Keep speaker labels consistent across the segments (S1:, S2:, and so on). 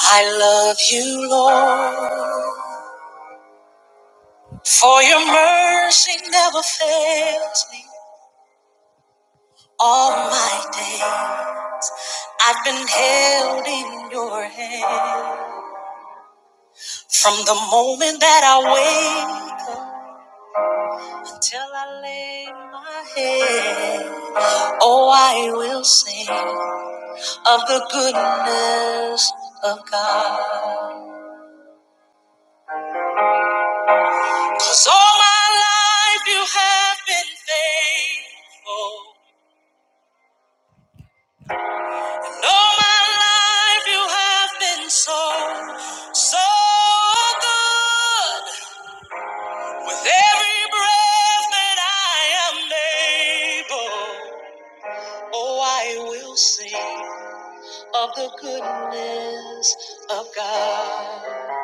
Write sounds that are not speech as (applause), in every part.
S1: I love you, Lord, for your mercy never fails me. All my day, I've been held in your hand. From the moment that I wake up until I lay my head, oh, I will sing of the goodness of God. 'Cause all my life you have been faithful. All my life you have been so, so good. With every breath that I am able, oh, I will sing of the goodness of God.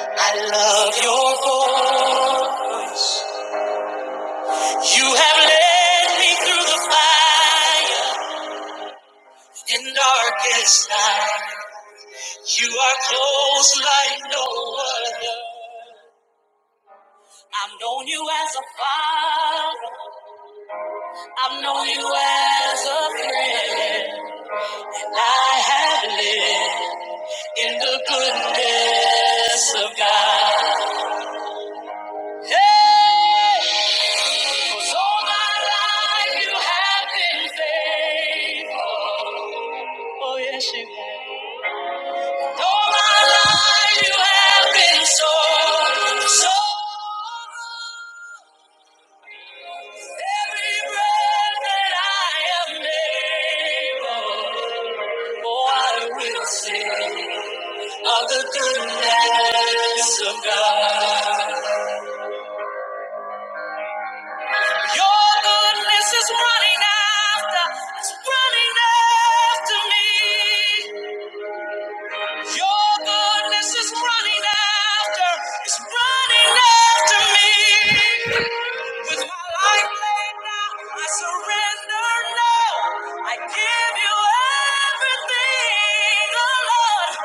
S1: I love your voice. You have led me through the fire in darkest night. You are close like no other. I've known you as a father. I've known you as a friend. And I have lived in the goodness of God. Hey! 'Cause all my life you have been faithful. Oh, yes, you have. All my life you have been so, so Every breath that I am able, oh, I will sing of the goodness of God. Your goodness is running after, it's running after me. Your goodness is running after, it's running after me. With my life laid down, I surrender now. I give you everything, oh Lord.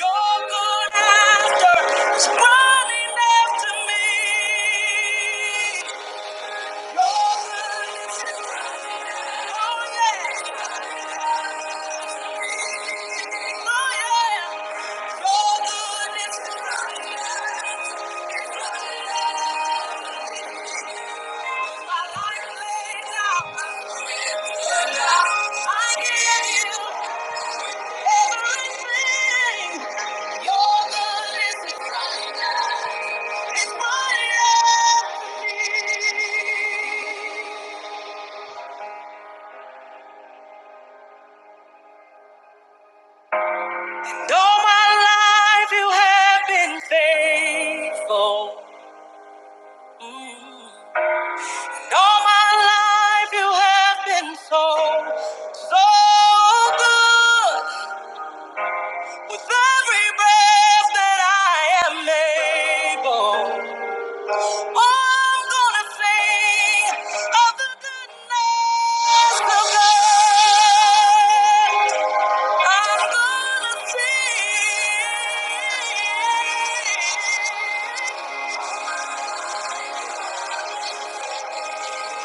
S1: Your good after is running after me. Your goodness, oh yeah, oh yeah. Your goodness All my life you have been faithful. Mm. All my life you have been so, so good. With every breath that I am able, I'm gonna sing of the goodness of God. I'm gonna sing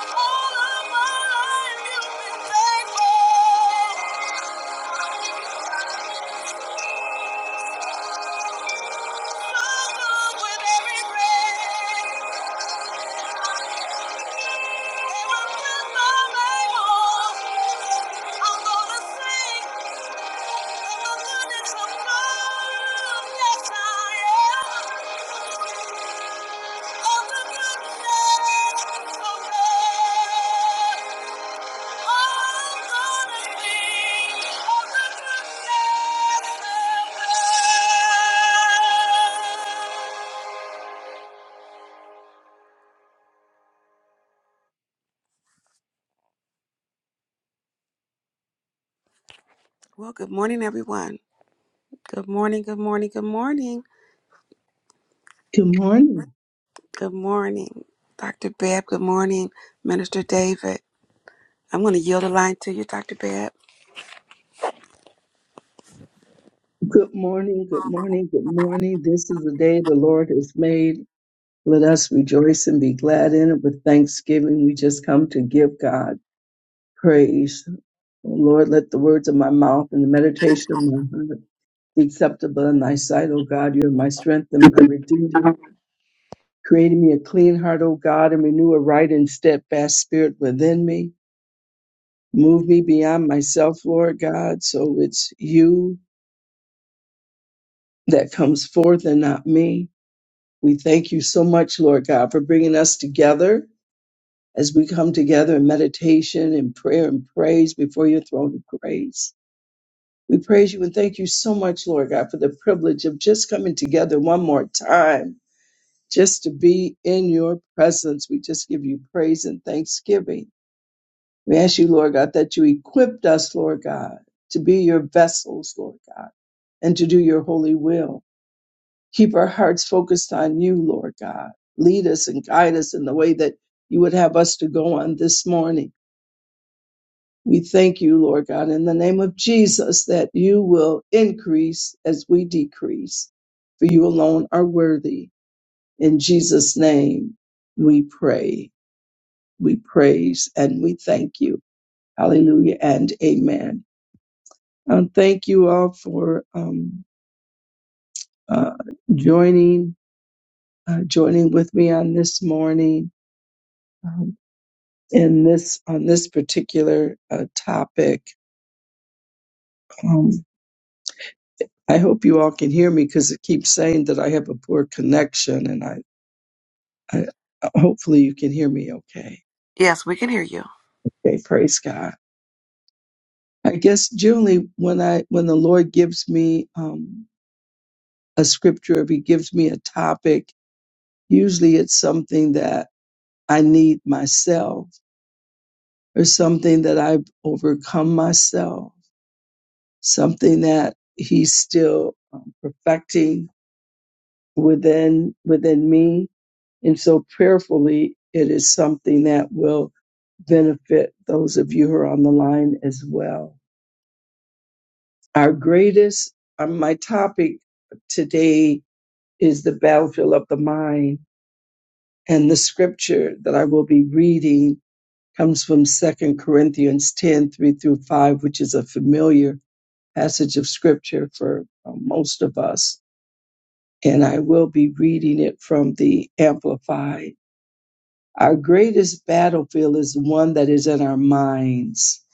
S1: all of my life you've been faithful. So good with every breath, every breath I'm able, I'm gonna sing. Well, good morning, everyone. Good morning, good morning, good morning.
S2: Good morning.
S1: Good morning, Dr. Babb. Good morning, Minister David. I'm going to yield the line to you, Dr. Babb.
S2: Good morning. Good morning. Good morning. This is the day the Lord has made. Let us rejoice and be glad in it with thanksgiving. We just come to give God praise. Oh, Lord, let the words of my mouth and the meditation of my heart be acceptable in thy sight, O God. You are my strength and my redeemer. Create in me a clean heart, O God, and renew a right and steadfast spirit within me. Move me beyond myself, Lord God, so it's you that comes forth and not me. We thank you so much, Lord God, for bringing us together as we come together in meditation and prayer and praise before your throne of grace. We praise you and thank you so much, Lord God, for the privilege of just coming together one more time, just to be in your presence. We just give you praise and thanksgiving. We ask you, Lord God, that you equipped us, Lord God, to be your vessels, Lord God, and to do your holy will. Keep our hearts focused on you, Lord God. Lead us and guide us in the way that you would have us to go on this morning. We thank you, Lord God, in the name of Jesus, that you will increase as we decrease, for you alone are worthy. In Jesus' name, we pray, we praise, and we thank you. Hallelujah and amen. Um, thank you all for um, uh, joining, uh, joining with me on this morning. Um, in this on this particular uh, topic. Um, I hope you all can hear me because it keeps saying that I have a poor connection, and I, I hopefully you can hear me okay.
S1: Yes, we can hear you.
S2: Okay, praise God. I guess generally when I when the Lord gives me um, a scripture, if He gives me a topic, usually it's something that I need myself or something that I've overcome myself, something that He's still um, perfecting within within me and so prayerfully it is something that will benefit those of you who are on the line as well our greatest um, my topic today is the battlefield of the mind and the scripture that i will be reading comes from Second corinthians 10 3 through 5 which is a familiar passage of scripture for uh, most of us and i will be reading it from the amplified Our greatest battlefield is one that is in our minds.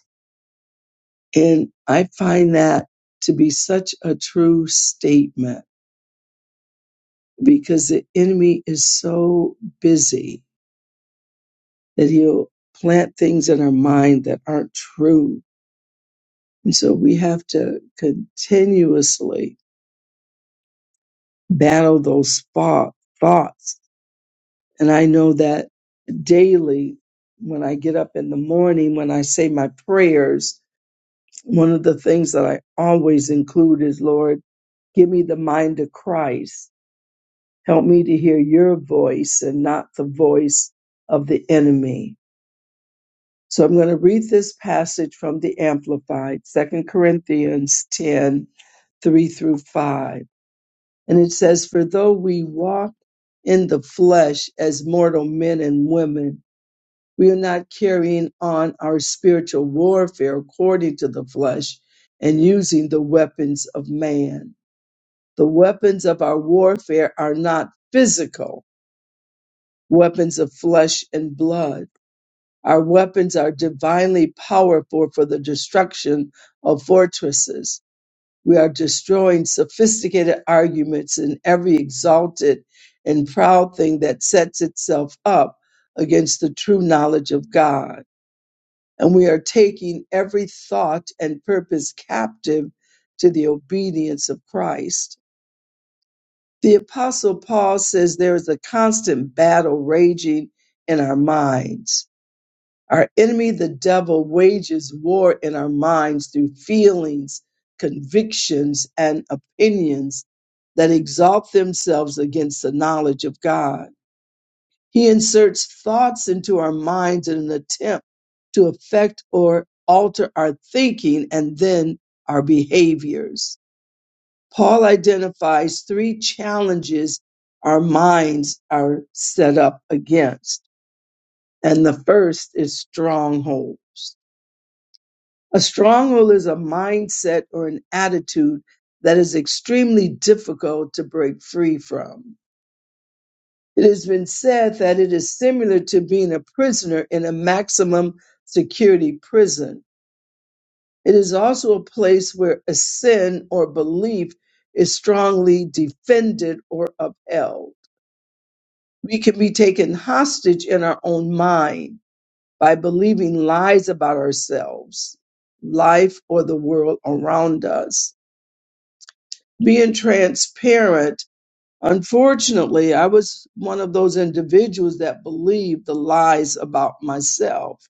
S2: And I find that to be such a true statement because the enemy is so busy that he'll plant things in our mind that aren't true. And so we have to continuously battle those thought- thoughts. And I know that daily when I get up in the morning, when I say my prayers, One of the things that I always include is, Lord, give me the mind of Christ. Help me to hear your voice and not the voice of the enemy. So I'm going to read this passage from the Amplified, Second Corinthians 10:3 through 5. And it says, For though we walk in the flesh as mortal men and women, we are not carrying on our spiritual warfare according to the flesh and using the weapons of man. The weapons of our warfare are not physical weapons of flesh and blood. Our weapons are divinely powerful for the destruction of fortresses. We are destroying sophisticated arguments and every exalted and proud thing that sets itself up against the true knowledge of God and we are taking every thought and purpose captive to the obedience of Christ. The Apostle Paul says there is a constant battle raging in our minds. Our enemy, the devil, wages war in our minds through feelings, convictions, and opinions that exalt themselves against the knowledge of God. He inserts thoughts into our minds in an attempt to affect or alter our thinking and then our behaviors. Paul identifies three challenges our minds are set up against. And the first is strongholds. A stronghold is a mindset or an attitude that is extremely difficult to break free from. It has been said that it is similar to being a prisoner in a maximum security prison. It is also a place where a sin or belief is strongly defended or upheld. We can be taken hostage in our own mind by believing lies about ourselves, life, or the world around us. Being transparent Unfortunately, I was one of those individuals that believed the lies about myself.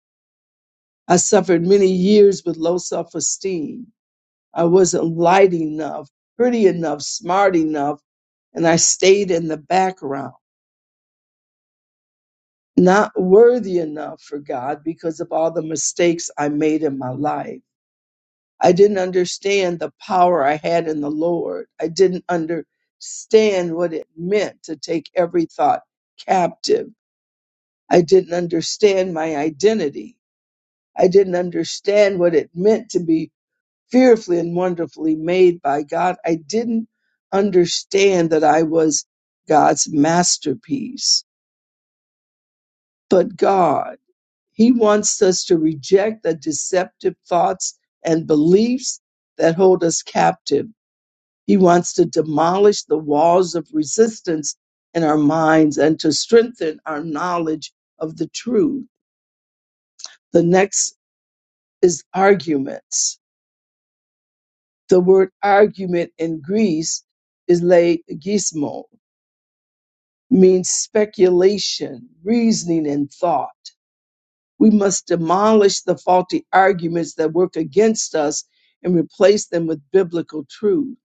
S2: I suffered many years with low self esteem. I wasn't light enough, pretty enough, smart enough, and I stayed in the background, not worthy enough for God because of all the mistakes I made in my life. I didn't understand the power I had in the Lord. I didn't understand what it meant to take every thought captive I didn't understand my identity. I didn't understand what it meant to be fearfully and wonderfully made by God. I didn't understand that I was God's masterpiece. But God, He wants us to reject the deceptive thoughts and beliefs that hold us captive. He wants to demolish the walls of resistance in our minds and to strengthen our knowledge of the truth. The next is arguments. The word argument in Greece is legismo, means speculation, reasoning, and thought. We must demolish the faulty arguments that work against us and replace them with biblical truth.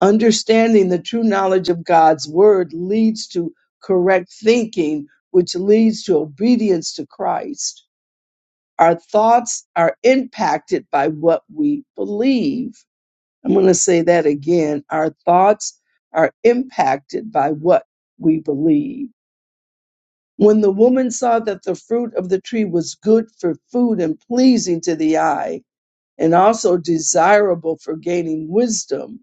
S2: Understanding the true knowledge of God's word leads to correct thinking, which leads to obedience to Christ. Our thoughts are impacted by what we believe I'm going to say that again. Our thoughts are impacted by what we believe. When the woman saw that the fruit of the tree was good for food and pleasing to the eye, and also desirable for gaining wisdom,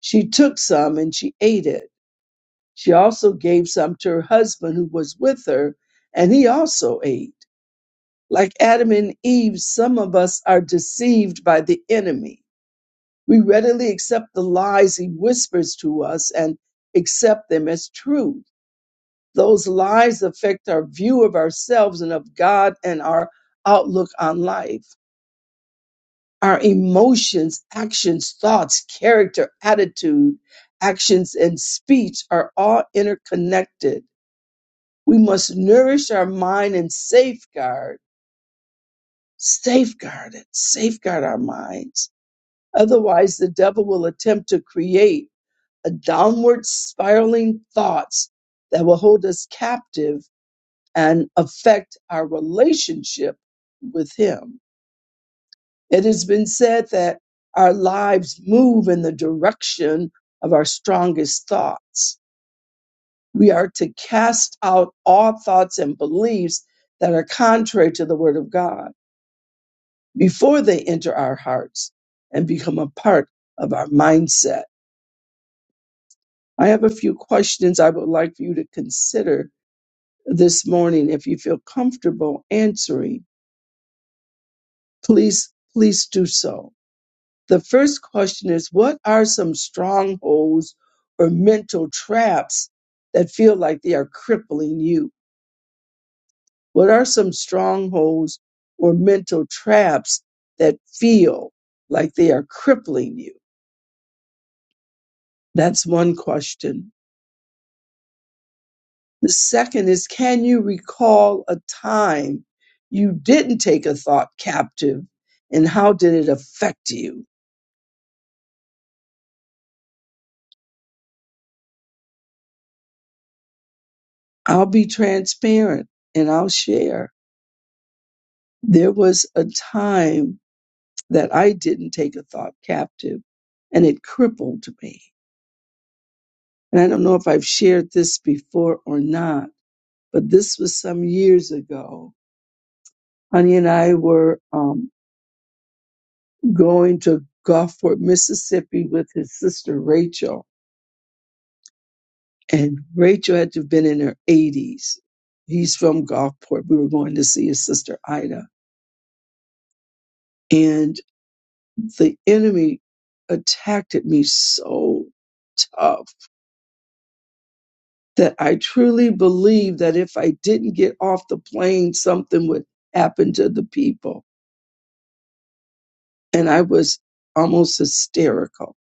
S2: she took some and she ate it. She also gave some to her husband who was with her, and he also ate. Like Adam and Eve, some of us are deceived by the enemy We readily accept the lies he whispers to us and accept them as truth. Those lies affect our view of ourselves and of God and our outlook on life. Our emotions, actions, thoughts, character, attitude, actions, and speech are all interconnected. We must nourish our mind and safeguard, safeguard it, safeguard our minds. Otherwise, the devil will attempt to create a downward spiraling thoughts that will hold us captive and affect our relationship with Him. It has been said that our lives move in the direction of our strongest thoughts. We are to cast out all thoughts and beliefs that are contrary to the Word of God before they enter our hearts and become a part of our mindset. I have a few questions I would like for you to consider this morning. If you feel comfortable answering, please, please do so. The first question is What are some strongholds or mental traps that feel like they are crippling you? What are some strongholds or mental traps that feel like they are crippling you? That's one question. The second is Can you recall a time you didn't take a thought captive and how did it affect you? I'll be transparent and I'll share. There was a time that I didn't take a thought captive and it crippled me. And I don't know if I've shared this before or not, but this was some years ago. Honey and I were um, going to Gulfport, Mississippi with his sister Rachel. And Rachel had to have been in her 80s. He's from Gulfport. We were going to see his sister Ida. and. the enemy attacked at me so tough that I truly believed that if I didn't get off the plane, something would happen to the people. And I was almost hysterical.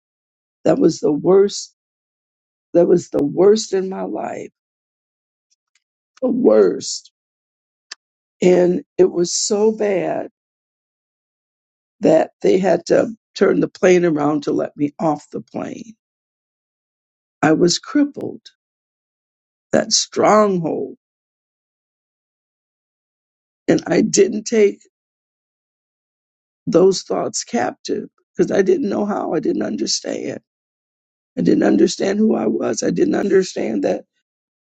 S2: That was the worst. That was the worst in my life. The worst. And it was so bad that they had to turn the plane around to let me off the plane. I was crippled, that stronghold. And I didn't take those thoughts captive because I didn't know how. I didn't understand. I didn't understand who I was. I didn't understand that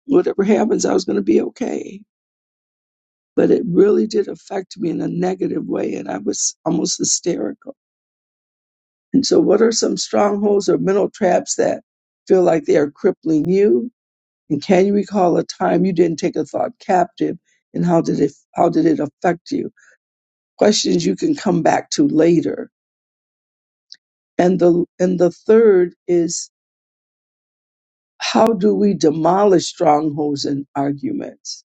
S2: whatever happens, I was going to be okay. But it really did affect me in a negative way, and I was almost hysterical. And so, what are some strongholds or mental traps that feel like they are crippling you? And can you recall a time you didn't take a thought captive, and how did it how did it affect you? Questions you can come back to later. And the and the third is How do we demolish strongholds and arguments?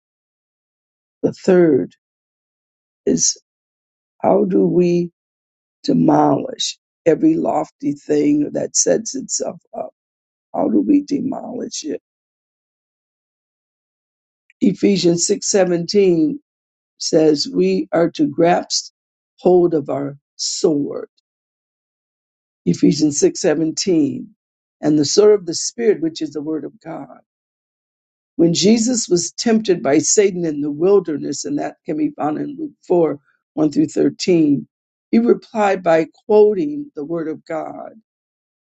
S2: The third is how do we demolish every lofty thing that sets itself up? How do we demolish it? Ephesians 6:17 says we are to grasp hold of our sword. Ephesians 6:17 and the sword of the spirit which is the word of God. When Jesus was tempted by Satan in the wilderness, and that can be found in Luke 4 1 through 13, he replied by quoting the Word of God.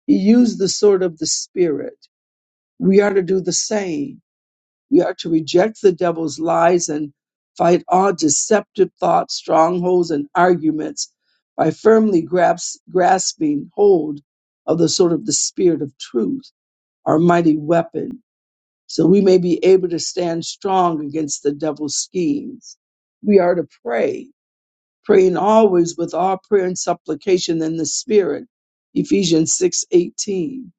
S2: He used the sword of the Spirit. We are to do the same. We are to reject the devil's lies and fight all deceptive thoughts, strongholds, and arguments by firmly grasp, grasping hold of the sword of the Spirit of truth, our mighty weapon so we may be able to stand strong against the devil's schemes. We are to pray, praying always with all prayer and supplication in the Spirit. Ephesians 6:18.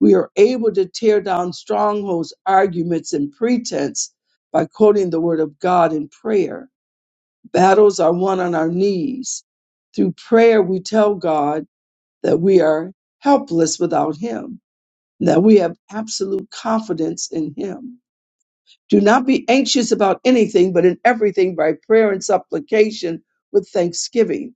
S2: We are able to tear down strongholds, arguments, and pretense by quoting the word of God in prayer. Battles are won on our knees. Through prayer, we tell God that we are helpless without Him, that we have absolute confidence in Him Do not be anxious about anything, but in everything by prayer and supplication with thanksgiving.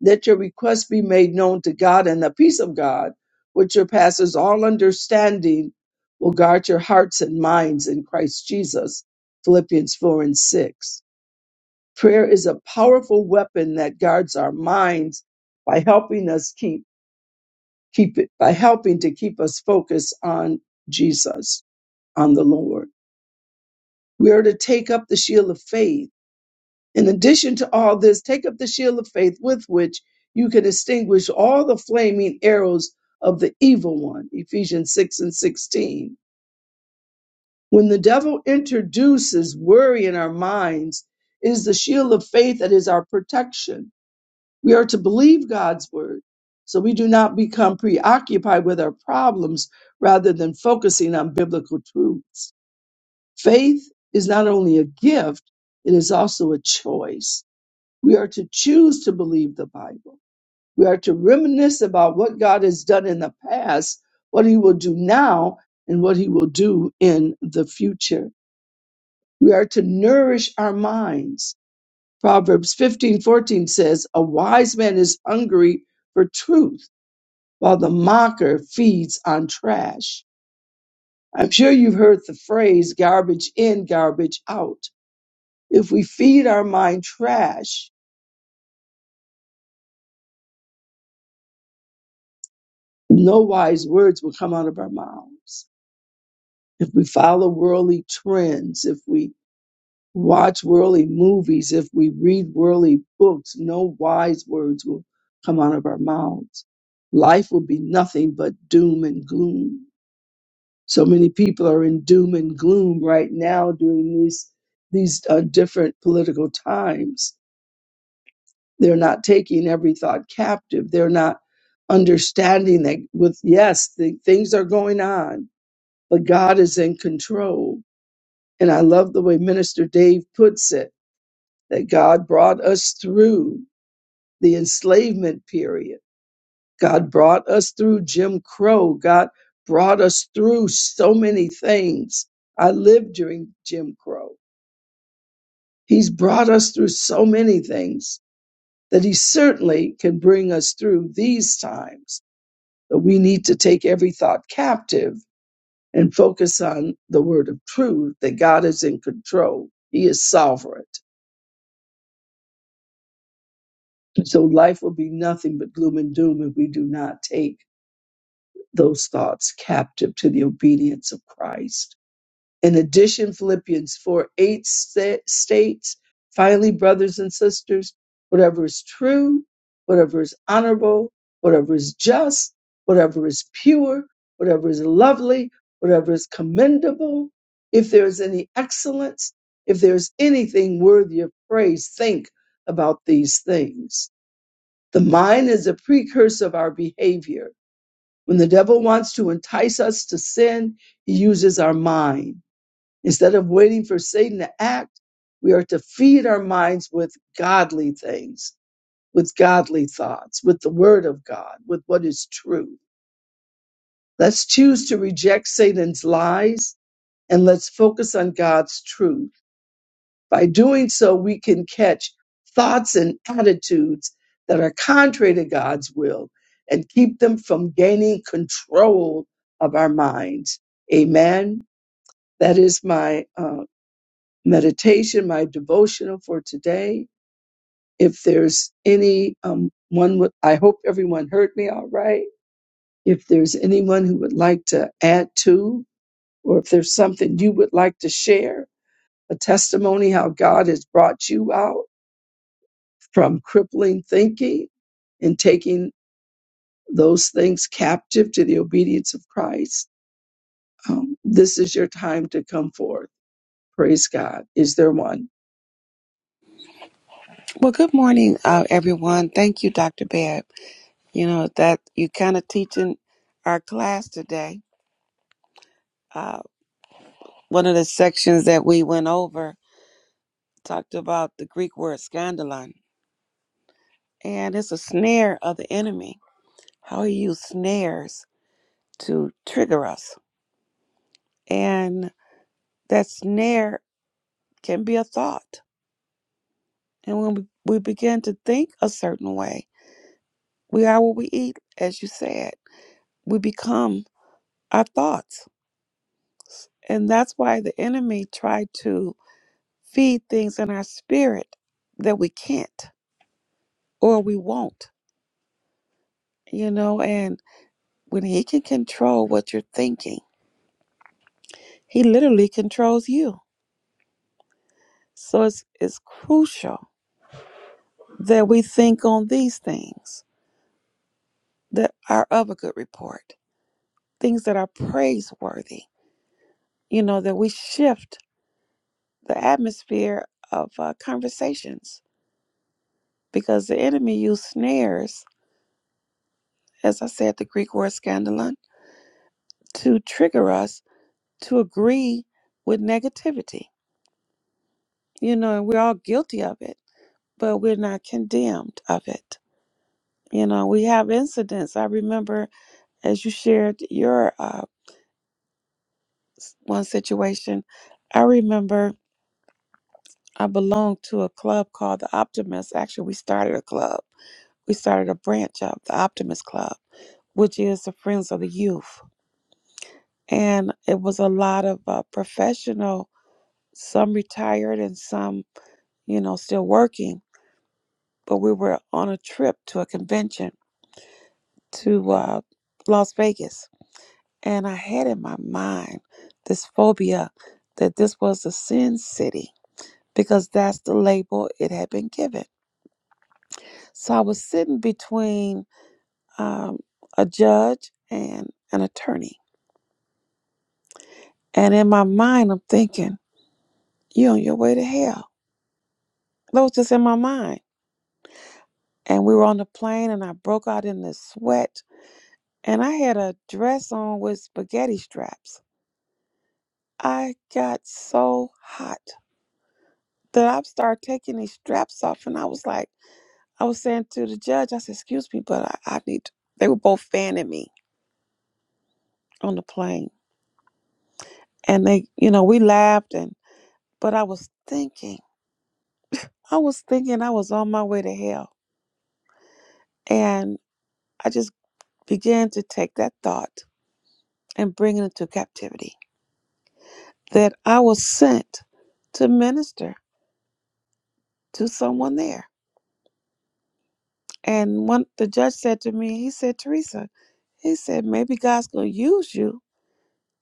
S2: Let your requests be made known to God, and the peace of God, which surpasses all understanding, will guard your hearts and minds in Christ Jesus. Philippians 4 and 6. Prayer is a powerful weapon that guards our minds by helping us keep, keep it, by helping to keep us focused on Jesus, on the Lord. We are to take up the shield of faith In addition to all this, take up the shield of faith with which you can extinguish all the flaming arrows of the evil one. Ephesians 6 and 16. When the devil introduces worry in our minds, it is the shield of faith that is our protection. We are to believe God's word so we do not become preoccupied with our problems rather than focusing on biblical truths. Faith is not only a gift, it is also a choice we are to choose to believe the Bible. We are to reminisce about what God has done in the past, what He will do now, and what He will do in the future. We are to nourish our minds. Proverbs fifteen fourteen says, A wise man is hungry for truth, while the mocker feeds on trash. I'm sure you've heard the phrase garbage in, garbage out. If we feed our mind trash, no wise words will come out of our mouths if we follow worldly trends, if we watch worldly movies, if we read worldly books, no wise words will come out of our mouths. Life will be nothing but doom and gloom. So many people are in doom and gloom right now during these these uh, different political times. They're not taking every thought captive. They're not understanding that with yes, the, things are going on, but God is in control And I love the way Minister Dave puts it that God brought us through the enslavement period. God brought us through Jim Crow. God brought us through so many things. I lived during Jim Crow. He's brought us through so many things that he certainly can bring us through these times. But we need to take every thought captive and focus on the word of truth that God is in control. He is sovereign. So life will be nothing but gloom and doom if we do not take those thoughts captive to the obedience of Christ. In addition, Philippians 4 8 sta- states, finally, brothers and sisters, whatever is true, whatever is honorable, whatever is just, whatever is pure, whatever is lovely, whatever is commendable, if there is any excellence, if there is anything worthy of praise, think about these things the mind is a precursor of our behavior. When the devil wants to entice us to sin, he uses our mind. Instead of waiting for Satan to act, we are to feed our minds with godly things, with godly thoughts, with the word of God, with what is true. Let's choose to reject Satan's lies and let's focus on God's truth. By doing so, we can catch thoughts and attitudes that are contrary to God's will and keep them from gaining control of our minds. Amen. That is my uh, meditation, my devotional for today. If there's any um, one, would- I hope everyone heard me all right. If there's anyone who would like to add to, or if there's something you would like to share, a testimony how God has brought you out from crippling thinking and taking those things captive to the obedience of Christ. Um, this is your time to come forth. Praise God. Is there one?
S1: Well, good morning, uh, everyone. Thank you, Dr. Babb. You know, that you kind of teaching our class today. Uh, one of the sections that we went over talked about the Greek word scandalon, and it's a snare of the enemy. How he used snares to trigger us. And that snare can be a thought. And when we, begin to think a certain way, we are what we eat, as you said. We become our thoughts. And that's why the enemy tried to feed things in our spirit that we can't or we won't, you know. And when he can control what you're thinking, he literally controls you. So it's, it's crucial that we think on these things that are of a good report, things that are praiseworthy, you know, that we shift the atmosphere of uh, conversations because the enemy used snares, as I said, the Greek word scandalon, to trigger us to agree with negativity, you know, and we're all guilty of it, but we're not condemned of it. You know, we have incidents. I remember as you shared your uh, s- one situation, I remember I belong to a club called the Optimist. Actually, we started a club. We started a branch of the Optimist Club, which is the Friends of the Youth. And it was a lot of uh, professional, some retired and some, you know, still working. But we were on a trip to a convention to uh, Las Vegas. And I had in my mind this phobia that this was a sin city because that's the label it had been given. So I was sitting between um, a judge and an attorney. And in my mind, I'm thinking, you are on your way to hell. That was just in my mind. And we were on the plane and I broke out in this sweat. And I had a dress on with spaghetti straps. I got so hot that I started taking these straps off. And I was like, I was saying to the judge, I said, excuse me, but I, I need, to-" they were both fanning me on the plane. And they, you know, we laughed and, but I was thinking, I was thinking I was on my way to hell. And I just began to take that thought and bring it into captivity that I was sent to minister to someone there. And when the judge said to me, he said, Teresa, he said, maybe God's going to use you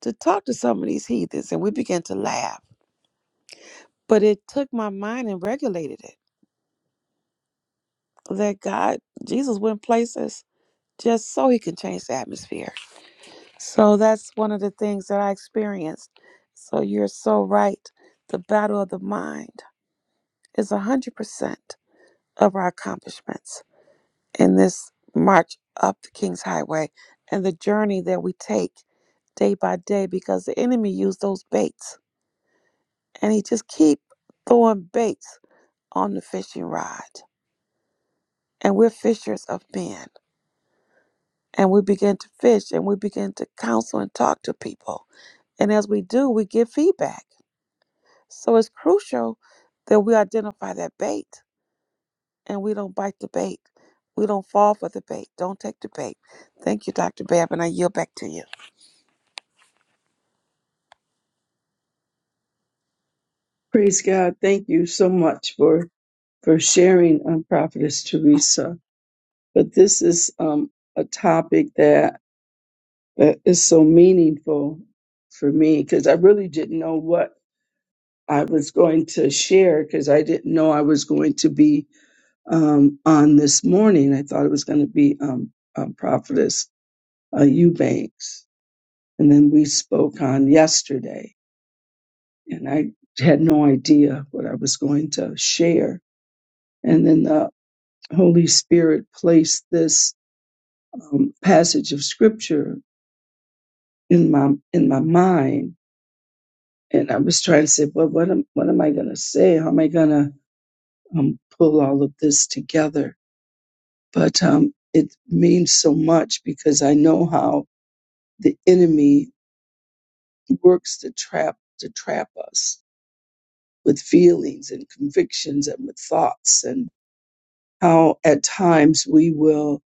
S1: to talk to some of these heathens. And we began to laugh. But it took my mind and regulated it that God, Jesus went places just so he can change the atmosphere. So that's one of the things that I experienced. So you're so right. The battle of the mind is 100% of our accomplishments in this march up the King's Highway and the journey that we take day by day because the enemy used those baits and he just keep throwing baits on the fishing rod. And we're fishers of men. And we begin to fish and we begin to counsel and talk to people. And as we do, we get feedback So it's crucial that we identify that bait and we don't bite the bait. We don't fall for the bait. Don't take the bait. Thank you, Dr. Babb, and I yield back to you.
S2: Praise God. Thank you so much for for sharing, um, Prophetess Teresa. But this is um, a topic that, that is so meaningful for me because I really didn't know what I was going to share because I didn't know I was going to be um, on this morning. I thought it was going to be um, uh, Prophetess uh, Eubanks. And then we spoke on yesterday, and I had no idea what I was going to share. And then the Holy Spirit placed this um, passage of scripture in my in my mind, and I was trying to say, well, what am what am I going to say? How am I going to um, pull all of this together? But um, it means so much because I know how the enemy works to trap to trap us with feelings and convictions and with thoughts and how at times we will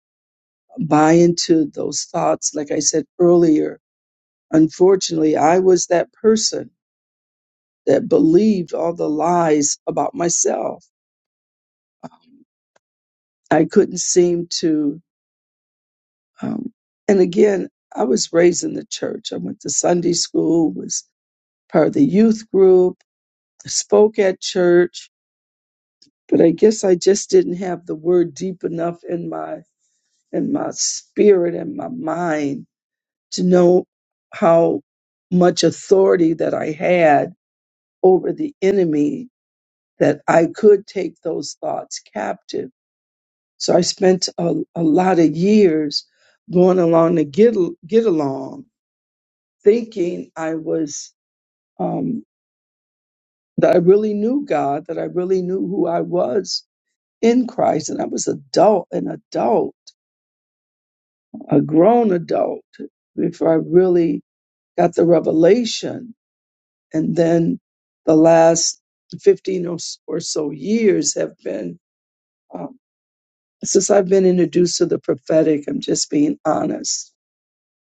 S2: buy into those thoughts like i said earlier unfortunately i was that person that believed all the lies about myself i couldn't seem to um, and again i was raised in the church i went to sunday school was part of the youth group spoke at church but I guess I just didn't have the word deep enough in my in my spirit and my mind to know how much authority that I had over the enemy that I could take those thoughts captive. So I spent a, a lot of years going along to get get along, thinking I was um, that I really knew God, that I really knew who I was in Christ, and I was adult an adult a grown adult before I really got the revelation. And then the last 15 or, s- or so years have been, um, since I've been introduced to the prophetic, I'm just being honest,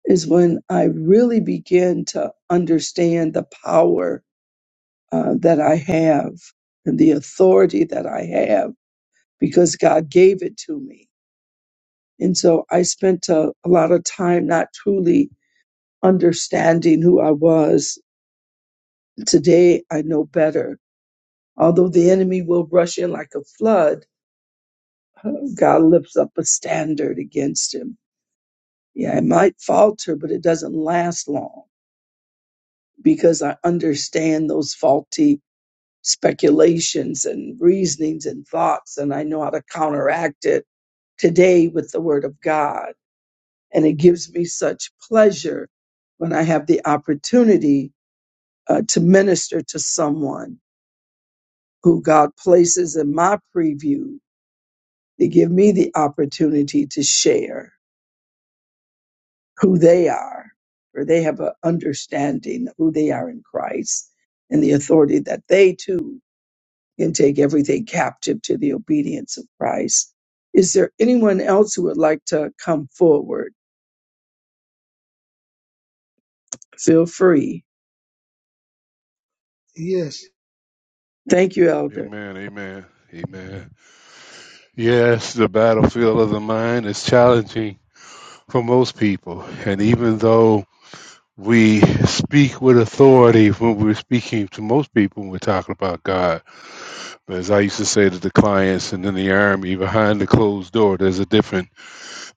S2: is when I really begin to understand the power uh, that I have and the authority that I have because God gave it to me. And so I spent a, a lot of time not truly understanding who I was Today I know better. Although the enemy will rush in like a flood, God lifts up a standard against him. Yeah, it might falter, but it doesn't last long because I understand those faulty speculations and reasonings and thoughts, and I know how to counteract it today with the Word of God. And it gives me such pleasure when I have the opportunity uh, to minister to someone who God places in my preview They give me the opportunity to share who they are, for they have an understanding of who they are in Christ and the authority that they too can take everything captive to the obedience of Christ. Is there anyone else who would like to come forward? Feel free.
S3: Yes,
S2: Thank you, Elder.
S4: Amen, amen, amen. Yes, the battlefield of the mind is challenging for most people. And even though we speak with authority when we're speaking to most people when we're talking about God, but as I used to say to the clients and in the army, behind the closed door, there's a different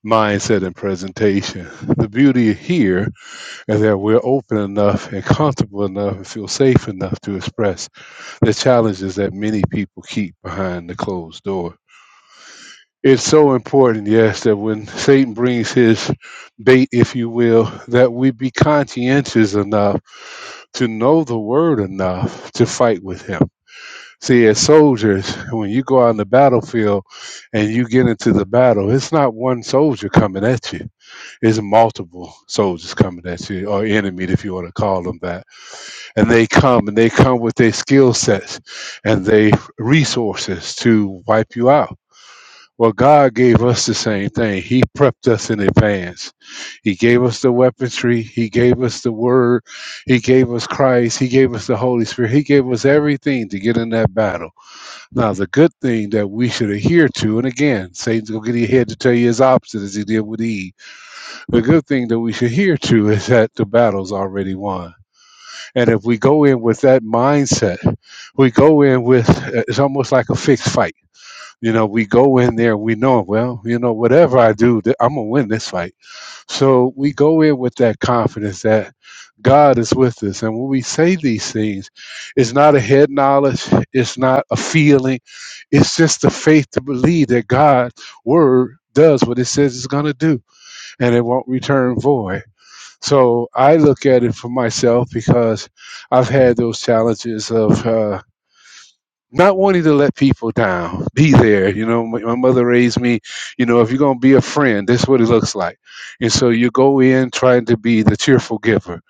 S4: mindset and presentation. The beauty here is that we're open enough and comfortable enough and feel safe enough to express the challenges that many people keep behind the closed door It's so important, yes, that when Satan brings his bait, if you will, that we be conscientious enough to know the word enough to fight with him. See, as soldiers, when you go out on the battlefield and you get into the battle, it's not one soldier coming at you, it's multiple soldiers coming at you, or enemy, if you want to call them that. And they come and they come with their skill sets and their resources to wipe you out well, God gave us the same thing. He prepped us in advance. He gave us the weaponry. He gave us the word. He gave us Christ. He gave us the Holy Spirit. He gave us everything to get in that battle. Now, the good thing that we should adhere to, and again, Satan's going to get in your head to tell you his opposite as he did with Eve. The good thing that we should adhere to is that the battle's already won. And if we go in with that mindset, we go in with, it's almost like a fixed fight you know, we go in there, we know, well, you know, whatever I do, th- I'm going to win this fight. So we go in with that confidence that God is with us. And when we say these things, it's not a head knowledge, it's not a feeling, it's just the faith to believe that God's word does what it says it's going to do and it won't return void. So I look at it for myself because I've had those challenges of. Uh, not wanting to let people down. Be there. You know, my, my mother raised me, you know, if you're going to be a friend, this is what it looks like. And so you go in trying to be the cheerful giver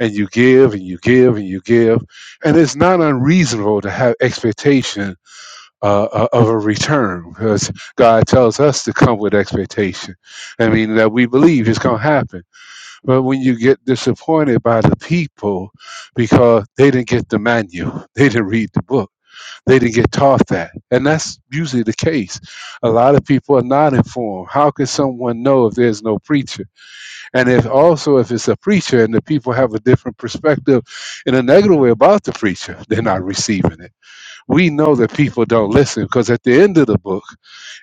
S4: and you give and you give and you give. And it's not unreasonable to have expectation uh, uh, of a return because God tells us to come with expectation. I mean, that we believe it's going to happen. But when you get disappointed by the people because they didn't get the manual, (laughs) they didn't read the book they didn't get taught that. And that's usually the case. A lot of people are not informed. How can someone know if there's no preacher? And if also if it's a preacher and the people have a different perspective in a negative way about the preacher, they're not receiving it. We know that people don't listen because at the end of the book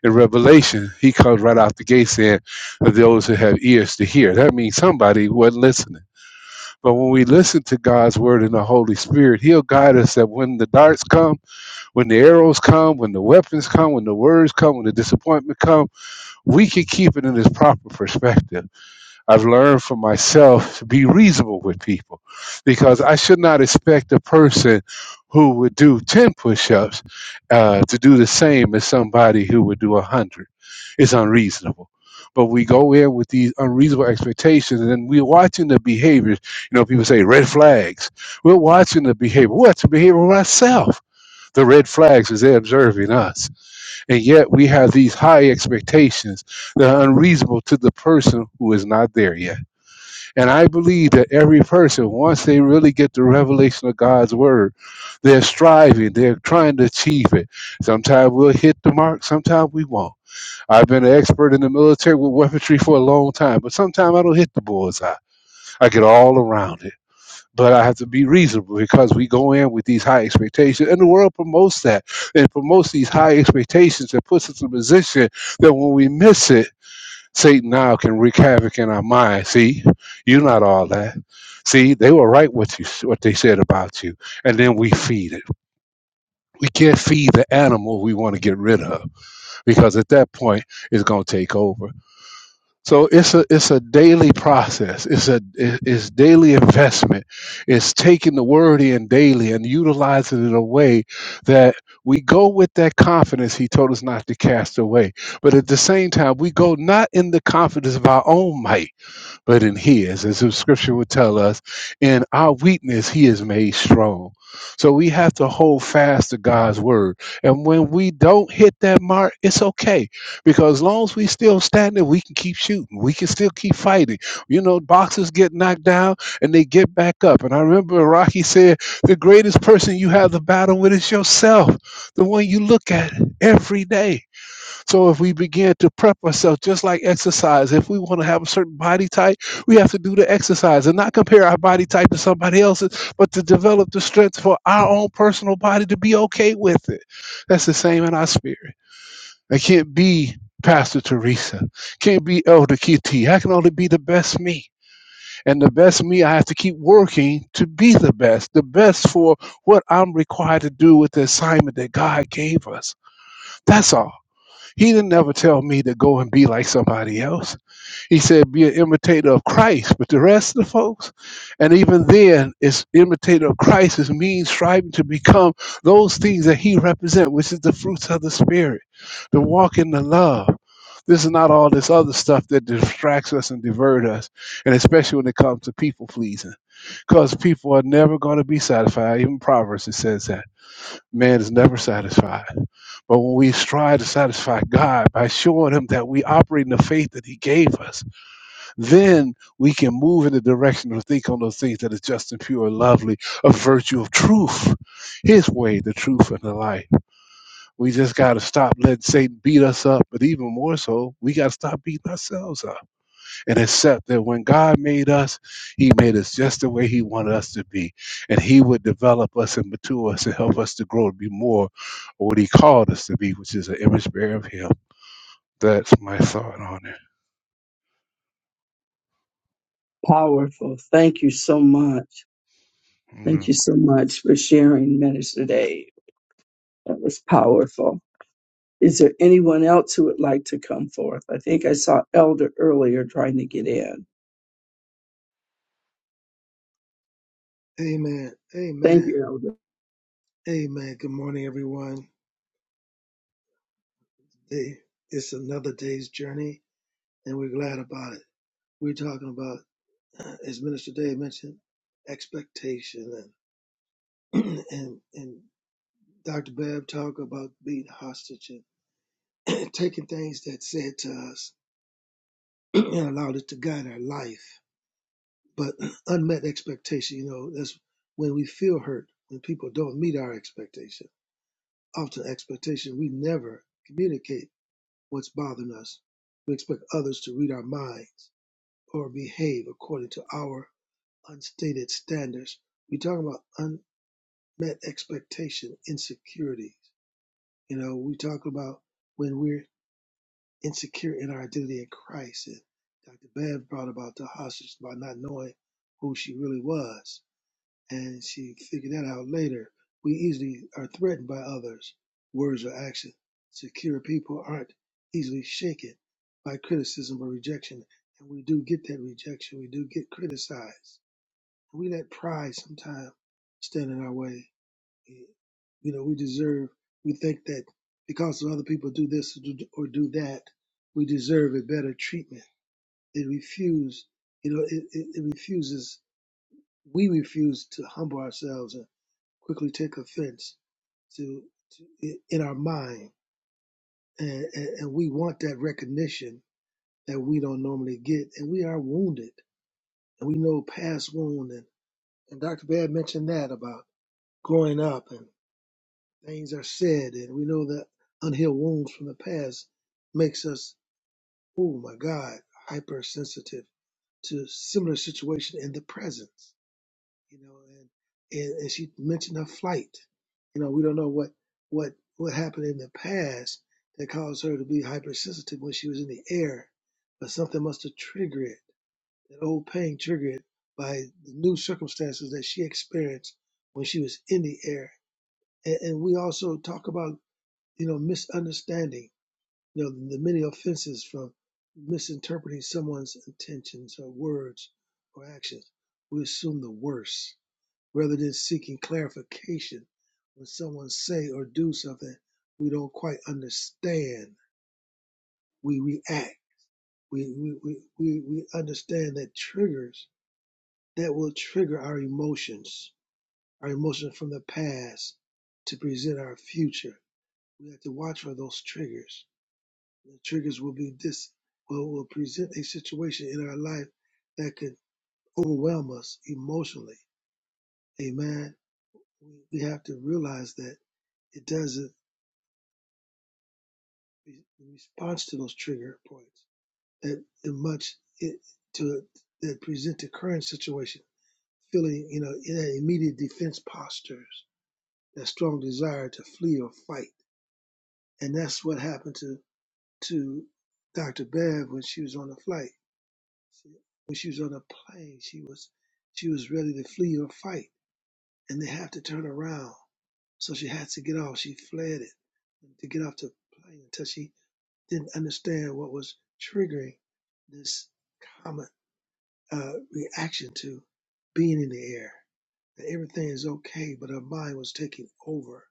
S4: in Revelation, he comes right out the gate saying, Those who have ears to hear. That means somebody wasn't listening. But when we listen to God's word and the Holy Spirit, He'll guide us that when the darts come, when the arrows come, when the weapons come, when the words come, when the disappointment come, we can keep it in its proper perspective. I've learned for myself to be reasonable with people because I should not expect a person who would do 10 push-ups uh, to do the same as somebody who would do 100. It's unreasonable. But we go in with these unreasonable expectations, and then we're watching the behaviors. You know, people say red flags. We're watching the behavior. We're watching the behavior of ourselves the red flags is they're observing us. And yet we have these high expectations that are unreasonable to the person who is not there yet. And I believe that every person, once they really get the revelation of God's word, they're striving, they're trying to achieve it. Sometimes we'll hit the mark, sometimes we won't. I've been an expert in the military with weaponry for a long time, but sometimes I don't hit the bullseye. I get all around it but I have to be reasonable because we go in with these high expectations, and the world promotes that It promotes these high expectations and puts us in a position that when we miss it, Satan now can wreak havoc in our mind. See, you're not all that. See, they were right what you what they said about you, and then we feed it. We can't feed the animal we want to get rid of because at that point it's going to take over. So it's a it's a daily process. It's a it- it's daily investment. It's taking the word in daily and utilizing it in a way that we go with that confidence he told us not to cast away. But at the same time, we go not in the confidence of our own might but in his. As the scripture would tell us, in our weakness, he is made strong. So we have to hold fast to God's word. And when we don't hit that mark, it's okay. Because as long as we still standing, we can keep shooting. We can still keep fighting. You know, boxers get knocked down and they get back up. And I remember Rocky said, the greatest person you have the battle with is yourself, the one you look at every day. So if we begin to prep ourselves, just like exercise, if we want to have a certain body type, we have to do the exercise and not compare our body type to somebody else's, but to develop the strength for our own personal body to be okay with it. That's the same in our spirit. I can't be Pastor Teresa, can't be Elder KT. I can only be the best me. And the best me, I have to keep working to be the best, the best for what I'm required to do with the assignment that God gave us. That's all. He didn't ever tell me to go and be like somebody else. He said, be an imitator of Christ. But the rest of the folks, and even then, it's imitator of Christ is means striving to become those things that he represents, which is the fruits of the Spirit, the walk in the love. This is not all this other stuff that distracts us and divert us, and especially when it comes to people pleasing. Because people are never going to be satisfied. Even Proverbs it says that man is never satisfied but when we strive to satisfy God by showing Him that we operate in the faith that He gave us, then we can move in the direction of think on those things that is just and pure and lovely, a virtue of truth, His way, the truth, and the light. We just got to stop letting Satan beat us up, but even more so, we got to stop beating ourselves up and accept that when God made us, He made us just the way He wanted us to be. And He would develop us and mature us and help us to grow to be more of what He called us to be, which is an image bearer of Him. That's my thought on it.
S2: Powerful. Thank you so much. Thank you
S4: Mm.
S2: so much for sharing, Minister Dave. That was powerful. Is there anyone else who would like to come forth? I think I saw Elder earlier trying to get in.
S3: amen,
S2: Thank
S3: amen,
S2: you, Elder.
S3: amen. Good morning, everyone. Day, it's another day's journey, and we're glad about it. We're talking about, uh, as Minister Dave mentioned, expectation, and (clears throat) and and Dr. Babb talk about being hostage and (clears throat) taking things that said to us (clears throat) and allowed it to guide our life. But (clears throat) unmet expectation, you know, that's when we feel hurt when people don't meet our expectation. Often, expectation we never communicate what's bothering us. We expect others to read our minds or behave according to our unstated standards. We talk about unmet expectation, insecurities. You know, we talk about when we're insecure in our identity in Christ. And Dr. Bev brought about the hostage by not knowing who she really was and she figured that out later. We easily are threatened by others, words or action. Secure people aren't easily shaken by criticism or rejection, and we do get that rejection. We do get criticized. We let pride sometimes stand in our way. You know, we deserve. We think that because other people do this or do that, we deserve a better treatment. It refuse, you know, it, it, it refuses. We refuse to humble ourselves and quickly take offense to, to in our mind, and, and, and we want that recognition that we don't normally get, and we are wounded, and we know past wound, and, and Dr. Bad mentioned that about growing up, and things are said, and we know that unhealed wounds from the past makes us, oh my God, hypersensitive to similar situation in the present. you know, and, and and she mentioned her flight. You know, we don't know what what what happened in the past that caused her to be hypersensitive when she was in the air, but something must have triggered it. That old pain triggered it by the new circumstances that she experienced when she was in the air. And, and we also talk about you know misunderstanding, you know, the many offenses from misinterpreting someone's intentions or words or actions. We assume the worst rather than seeking clarification when someone say or do something we don't quite understand we react we we, we, we we understand that triggers that will trigger our emotions our emotions from the past to present our future we have to watch for those triggers the triggers will be this will, will present a situation in our life that could overwhelm us emotionally amen we we have to realize that it doesn't re- response to those trigger points that the much it, to that present the current situation, feeling you know in that immediate defense postures, that strong desire to flee or fight, and that's what happened to to Dr. Bev when she was on the flight. She- When she was on the plane, she was she was ready to flee or fight, and they have to turn around, so she had to get off. She fled it to get off the plane until she didn't understand what was triggering this common uh, reaction to being in the air. That everything is okay, but our mind was taking over.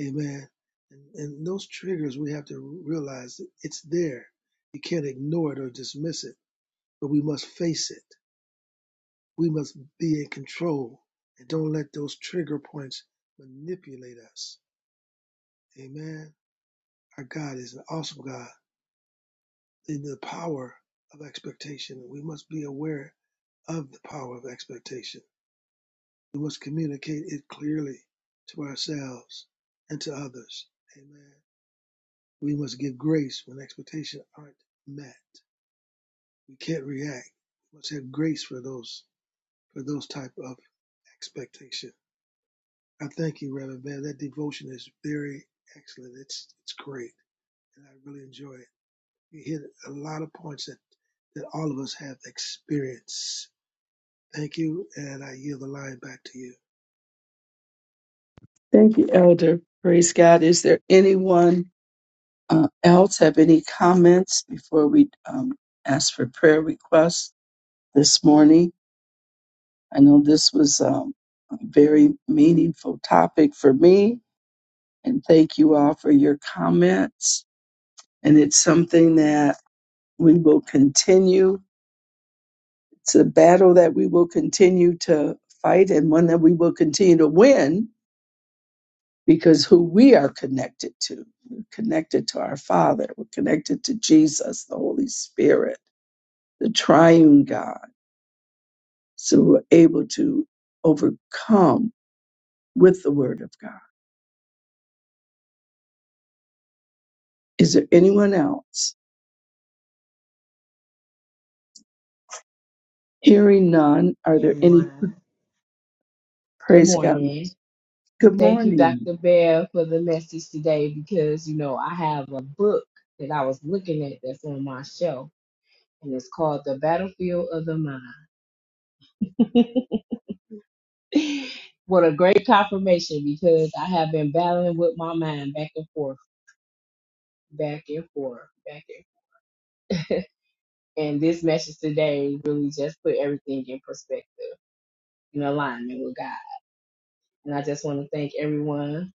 S3: Amen. And, and those triggers, we have to realize that it's there. You can't ignore it or dismiss it, but we must face it. We must be in control and don't let those trigger points manipulate us. Amen. Our God is an awesome God in the power of expectation. We must be aware of the power of expectation. We must communicate it clearly to ourselves and to others. Amen. We must give grace when expectations aren't met. We can't react. We must have grace for those for those type of expectation. I thank you, Reverend Man. That devotion is very excellent. It's it's great, and I really enjoy it. You hit a lot of points that that all of us have experienced. Thank you, and I yield the line back to you.
S2: Thank you, Elder. Praise God. Is there anyone uh, else have any comments before we um, ask for prayer requests this morning? I know this was um, a very meaningful topic for me, and thank you all for your comments. And it's something that we will continue It's a battle that we will continue to fight and one that we will continue to win because who we are connected to. We're connected to our Father. We're connected to Jesus, the Holy Spirit, the triune God. So we're able to overcome with the Word of God. Is there anyone else? Hearing none, are
S5: morning,
S2: there any
S5: everyone. Good
S2: praise God?
S5: morning.
S2: Good
S5: Thank you,
S2: morning.
S5: Dr. Bear, for the message today because, you know, I have a book that I was looking at that's on my shelf, and it's called The Battlefield of the Mind. (laughs) what a great confirmation because I have been battling with my mind back and forth, back and forth, back and forth. And this message today really just put everything in perspective, in alignment with God. And I just want to thank everyone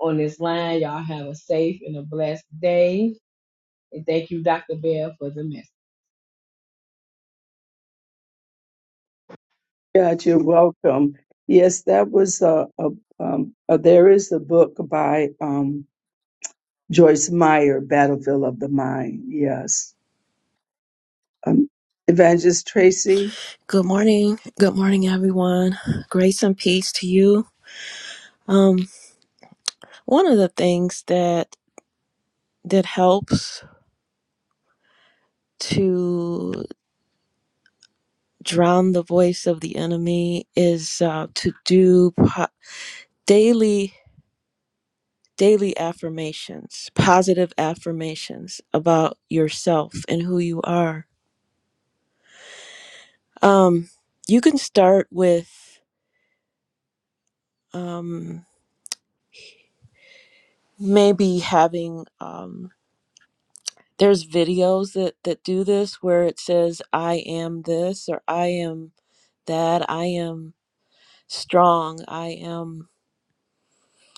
S5: on this line. Y'all have a safe and a blessed day. And thank you, Dr. Bell, for the message.
S2: God, you're welcome. Yes, that was a, a um, uh, there is a book by um, Joyce Meyer, Battlefield of the Mind. Yes. Um, Evangelist Tracy,
S6: Good morning. Good morning, everyone. Grace and peace to you. Um, one of the things that that helps to drown the voice of the enemy is uh, to do po- daily daily affirmations, positive affirmations about yourself and who you are. Um, you can start with um, maybe having um, there's videos that that do this where it says i am this or i am that i am strong i am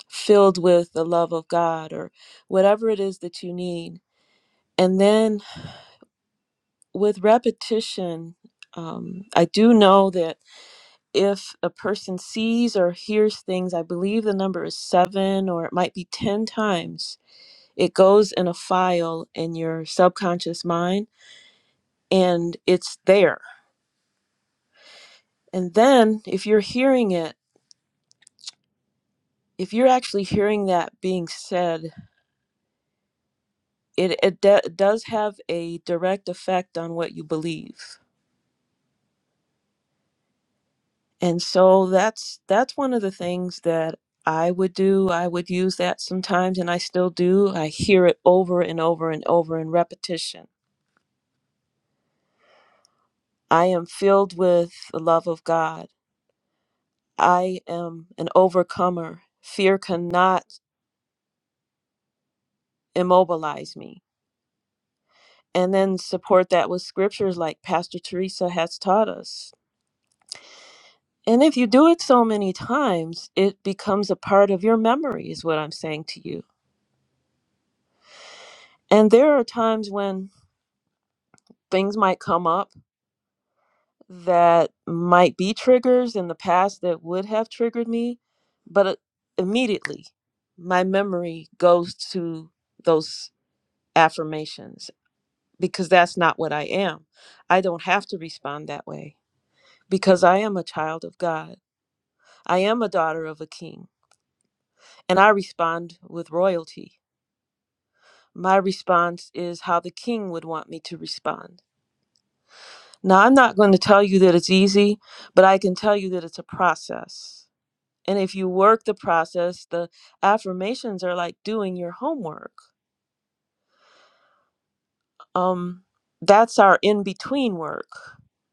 S6: filled with the love of god or whatever it is that you need and then with repetition um, i do know that if a person sees or hears things i believe the number is seven or it might be ten times it goes in a file in your subconscious mind and it's there And then if you're hearing it, if you're actually hearing that being said, it, it de- does have a direct effect on what you believe. And so that's that's one of the things that I would do. I would use that sometimes and I still do. I hear it over and over and over in repetition. I am filled with the love of God. I am an overcomer. Fear cannot immobilize me. and then support that with scriptures like Pastor Teresa has taught us. And if you do it so many times, it becomes a part of your memory, is what I'm saying to you. And there are times when things might come up that might be triggers in the past that would have triggered me, but it- immediately my memory goes to those affirmations because that's not what I am. I don't have to respond that way because I am a child of God. I am a daughter of a king, and I respond with royalty. My response is how the king would want me to respond. Now, I'm not going to tell you that it's easy, but I can tell you that it's a process. And if you work the process, the affirmations are like doing your homework. Um, that's our in between work.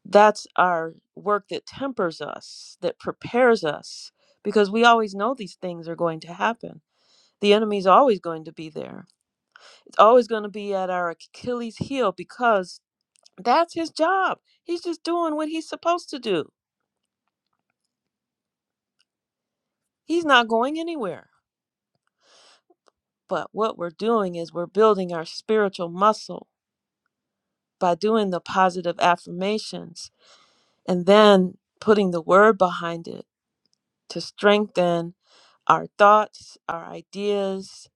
S6: That's our work that tempers us, that prepares us, because we always know these things are going to happen. The enemy's always going to be there always going to be at our Achilles heel because that's his job. He's just doing what he's supposed to do. He's not going anywhere. But what we're doing is we're building our spiritual muscle by doing the positive affirmations and then putting the word behind it to strengthen our thoughts, our ideas,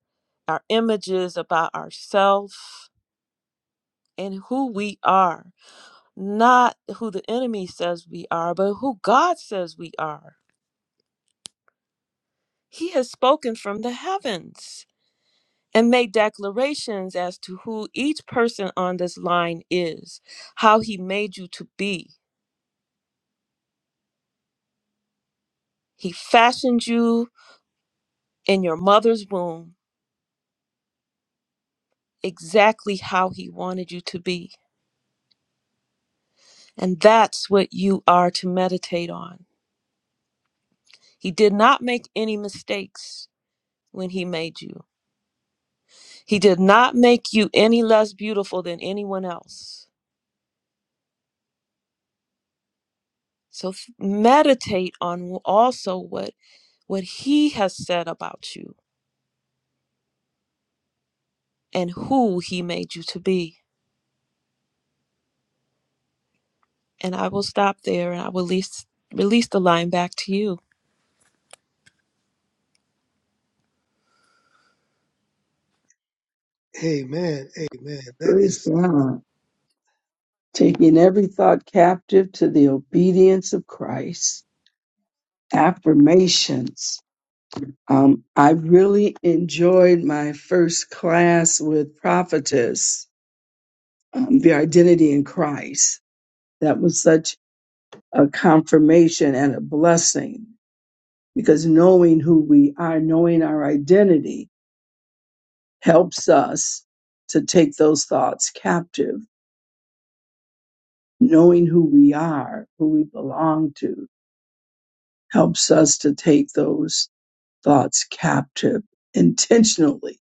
S6: our images about ourselves and who we are. Not who the enemy says we are, but who God says we are He has spoken from the heavens and made declarations as to who each person on this line is, how he made you to be. He fashioned you in your mother's womb exactly how he wanted you to be. And that's what you are to meditate on. He did not make any mistakes when he made you, he did not make you any less beautiful than anyone else. So f- meditate on also what what he has said about you and who he made you to be. And I will stop there and I will release, release the line back to you.
S3: Amen. Amen. That
S2: praise
S3: is,
S2: God. Taking every thought captive to the obedience of Christ. Affirmations. Um, I really enjoyed my first class with Prophetess, um, the identity in Christ. That was such a confirmation and a blessing because knowing who we are, knowing our identity, helps us to take those thoughts captive. Knowing who we are, who we belong to, helps us to take those thoughts captive intentionally.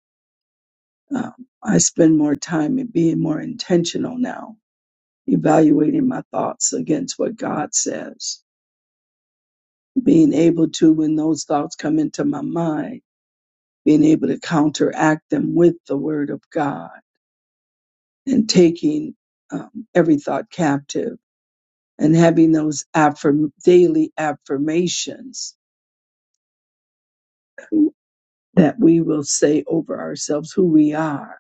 S2: Um, I spend more time in being more intentional now, evaluating my thoughts against what God says, being able to, when those thoughts come into my mind, being able to counteract them with the Word of God and taking um, every thought captive and having those affirm- daily affirmations that we will say over ourselves who we are.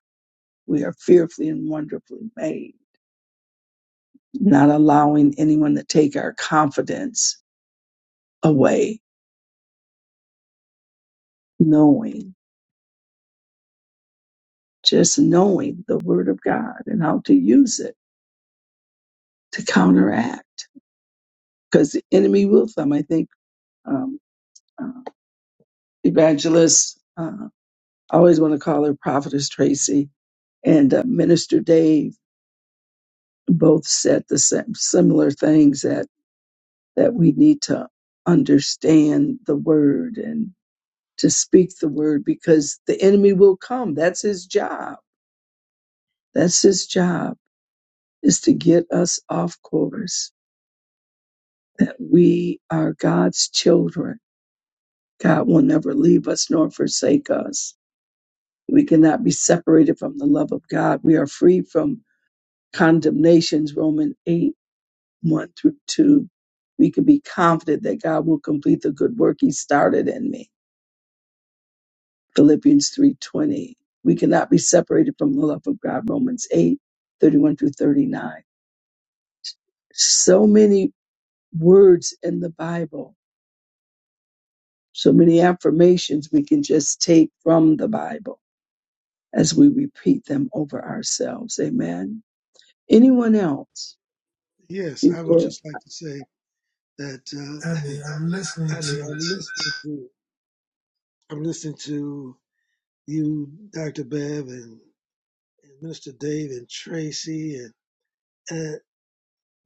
S2: We are fearfully and wonderfully made, not allowing anyone to take our confidence away, knowing, just knowing the word of God and how to use it to counteract. Because the enemy will come. I think um, uh, evangelist, uh, I always want to call her prophetess Tracy and uh, minister Dave both said the same similar things that that we need to understand the word and to speak the word because the enemy will come that's his job that's his job is to get us off course that we are God's children God will never leave us nor forsake us we cannot be separated from the love of God we are free from condemnations Romans 8 1 through 2, we can be confident that God will complete the good work he started in me. Philippians 3:20. We cannot be separated from the love of God. Romans 8 31 through 39. So many words in the Bible, so many affirmations we can just take from the Bible as we repeat them over ourselves. Amen. Anyone else?
S3: yes, I would
S2: Before
S3: just like to say that, uh, (laughs) I mean, I'm listening to, I'm listening to you, Dr. Bev and, and Minister Dave and Tracy and, and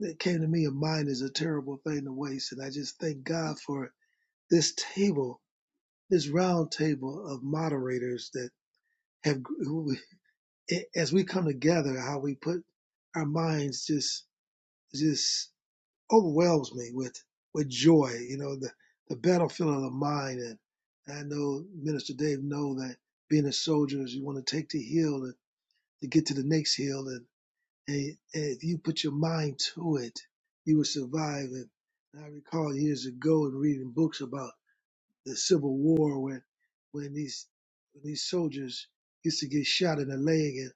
S3: it came to me, a mind is a terrible thing to waste. And I just thank God for this table, this round table of moderators that have, who, as we come together, how we put our minds just, just overwhelms me with with joy. You know, the the battlefield of the mind, and I know Minister Dave know that being a soldier is you want to take the hill and to get to the next hill, and, and, and if you put your mind to it, you will survive. And I recall years ago and reading books about the Civil War when when these when these soldiers used to get shot in the leg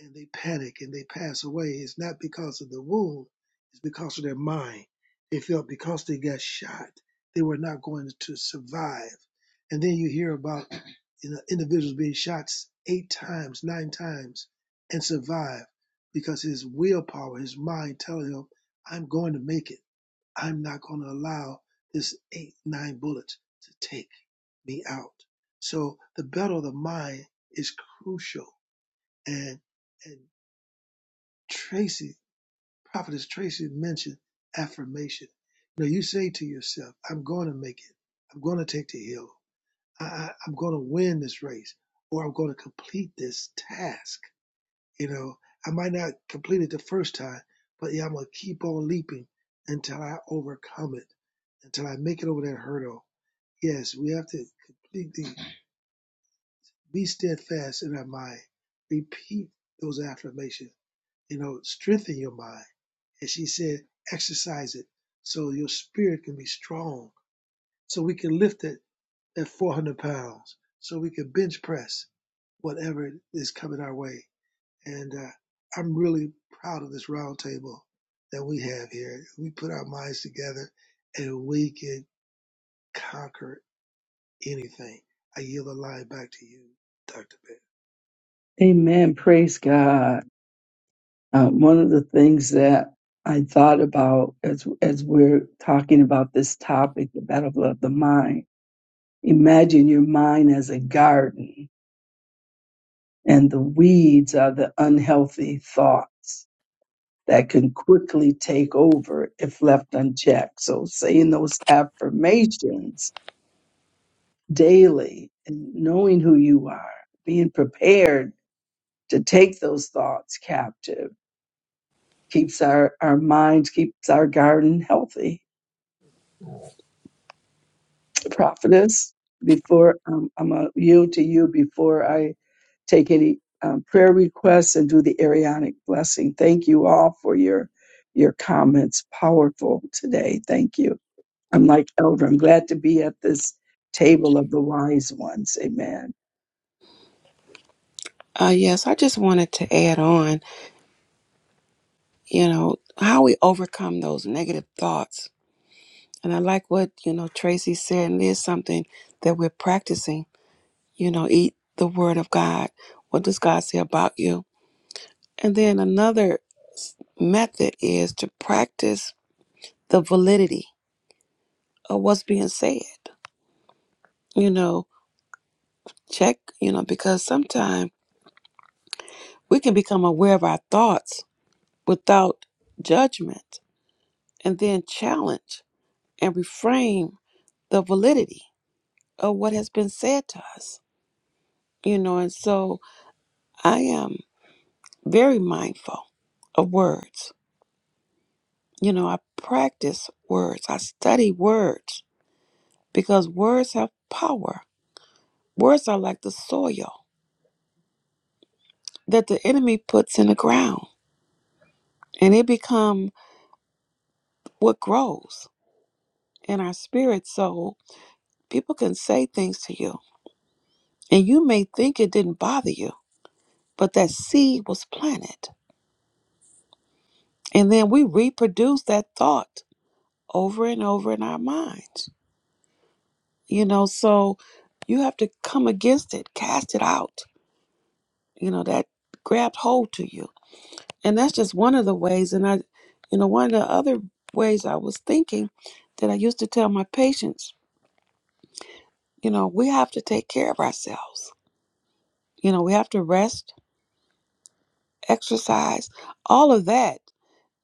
S3: and they panic and they pass away, it's not because of the wound, it's because of their mind. They felt because they got shot, they were not going to survive. And then you hear about you know, individuals being shot eight times, nine times, and survive because his willpower, his mind telling him, I'm going to make it. I'm not going to allow this eight, nine bullets to take me out. So the battle of the mind is crucial. And and. Tracy, Prophetess Tracy mentioned affirmation. You know, you say to yourself, I'm going to make it. I'm going to take the hill. I, I, I'm going to win this race or I'm going to complete this task. You know, I might not complete it the first time, but yeah, I'm going to keep on leaping until I overcome it, until I make it over that hurdle. Yes, we have to completely be steadfast in our mind. Repeat those affirmations. You know, strengthen your mind And she said, exercise it so your spirit can be strong, so we can lift it at 400 pounds, so we can bench press whatever is coming our way. And uh, I'm really proud of this roundtable that we have here. We put our minds together and we can conquer anything. I yield the line back to you, Dr. Bell.
S2: Amen. Praise God. Uh, one of the things that I thought about as as we're talking about this topic, the battle of the mind. Imagine your mind as a garden, and the weeds are the unhealthy thoughts that can quickly take over if left unchecked. So, saying those affirmations daily and knowing who you are, being prepared to take those thoughts captive, keeps our, our minds, keeps our garden healthy prophetess before um, I'm going to yield to you before I take any um, prayer requests and do the Arianic blessing. Thank you all for your your comments. Powerful today. Thank you. I'm like Elder. I'm glad to be at this table of the wise ones. Amen.
S1: Uh, yes, I just wanted to add on, you know, how we overcome those negative thoughts. And I like what, you know, Tracy said, and it is something that we're practicing. You know, eat the word of God. What does God say about you? And then another s- method is to practice the validity of what's being said. you know, check, you know, because sometimes we can become aware of our thoughts without judgment and then challenge and reframe the validity of what has been said to us, you know, and so I am very mindful of words. You know, I practice words, I study words because words have power. Words are like the soil that the enemy puts in the ground and it become what grows in our spirit soul, people can say things to you, and you may think it didn't bother you, but that seed was planted. And then we reproduce that thought over and over in our minds. You know, so you have to come against it, cast it out, you know, that grabbed hold to you. And that's just one of the ways. And I, you know, one of the other ways I was thinking that I used to tell my patients, you know, we have to take care of ourselves. You know, we have to rest exercise, all of that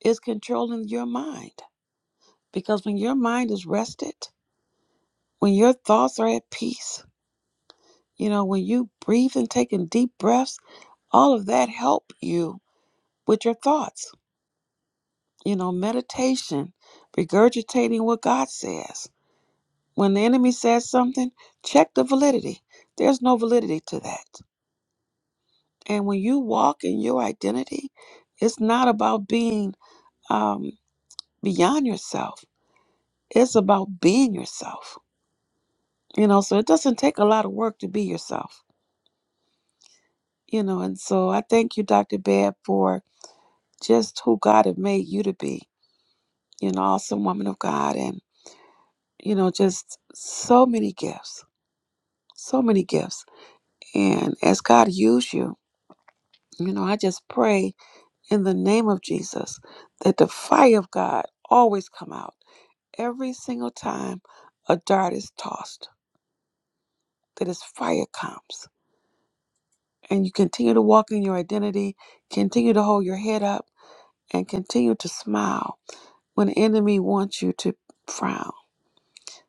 S1: is controlling your mind. Because when your mind is rested, when your thoughts are at peace, you know, when you breathe and taking deep breaths, all of that help you with your thoughts. You know, meditation, regurgitating what God says. When the enemy says something, check the validity. There's no validity to that. And when you walk in your identity, it's not about being um, beyond yourself It's about being yourself, you know, so it doesn't take a lot of work to be yourself, you know. And so I thank you, Dr. Babb, for just who God had made you to be, you know, awesome woman of God, and, you know, just so many gifts, so many gifts. And as God used you, you know, I just pray in the name of Jesus that the fire of God always come out every single time a dart is tossed, that his fire comes and you continue to walk in your identity, continue to hold your head up, and continue to smile when the enemy wants you to frown.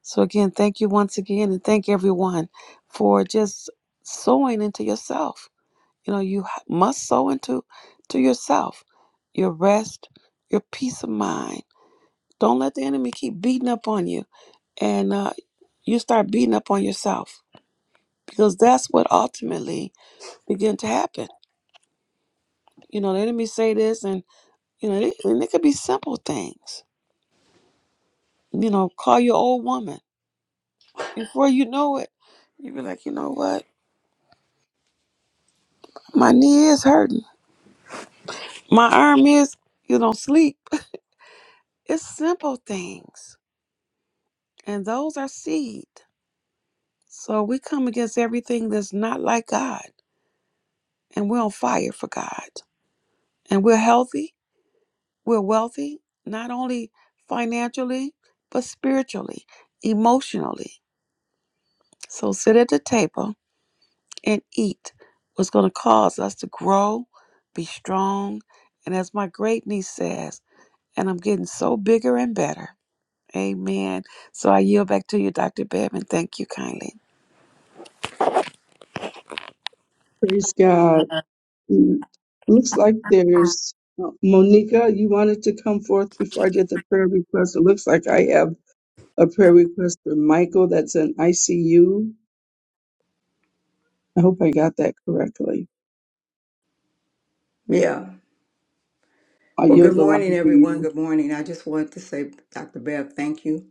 S1: So, again, thank you once again, and thank everyone for just sowing into yourself. You know, you h- must sow into to yourself your rest, your peace of mind. Don't let the enemy keep beating up on you, and uh, you start beating up on yourself because that's what ultimately begin to happen. You know, the enemy say this, and You know, they, and it could be simple things. You know, call your old woman. Before you know it, you be like, you know what? My knee is hurting. My arm is, you know, sleep. (laughs) It's simple things. And those are seed. So we come against everything that's not like God. And we're on fire for God. And we're healthy. We're wealthy, not only financially, but spiritually, emotionally. So sit at the table and eat was going to cause us to grow, be strong, and as my great niece says, and I'm getting so bigger and better. Amen. So I yield back to you, Dr. Bevan. Thank you kindly.
S2: Praise God. Mm, Looks like there's uh, Monica. You wanted to come forth before I did the prayer request. It looks like I have a prayer request for Michael that's in ICU I hope I got that correctly.
S7: Yeah.
S2: I
S7: Well,
S2: yield
S7: good
S2: the line
S7: morning,
S2: to
S7: everyone.
S2: you.
S7: Good morning. I just wanted to say, Dr. Bev, thank you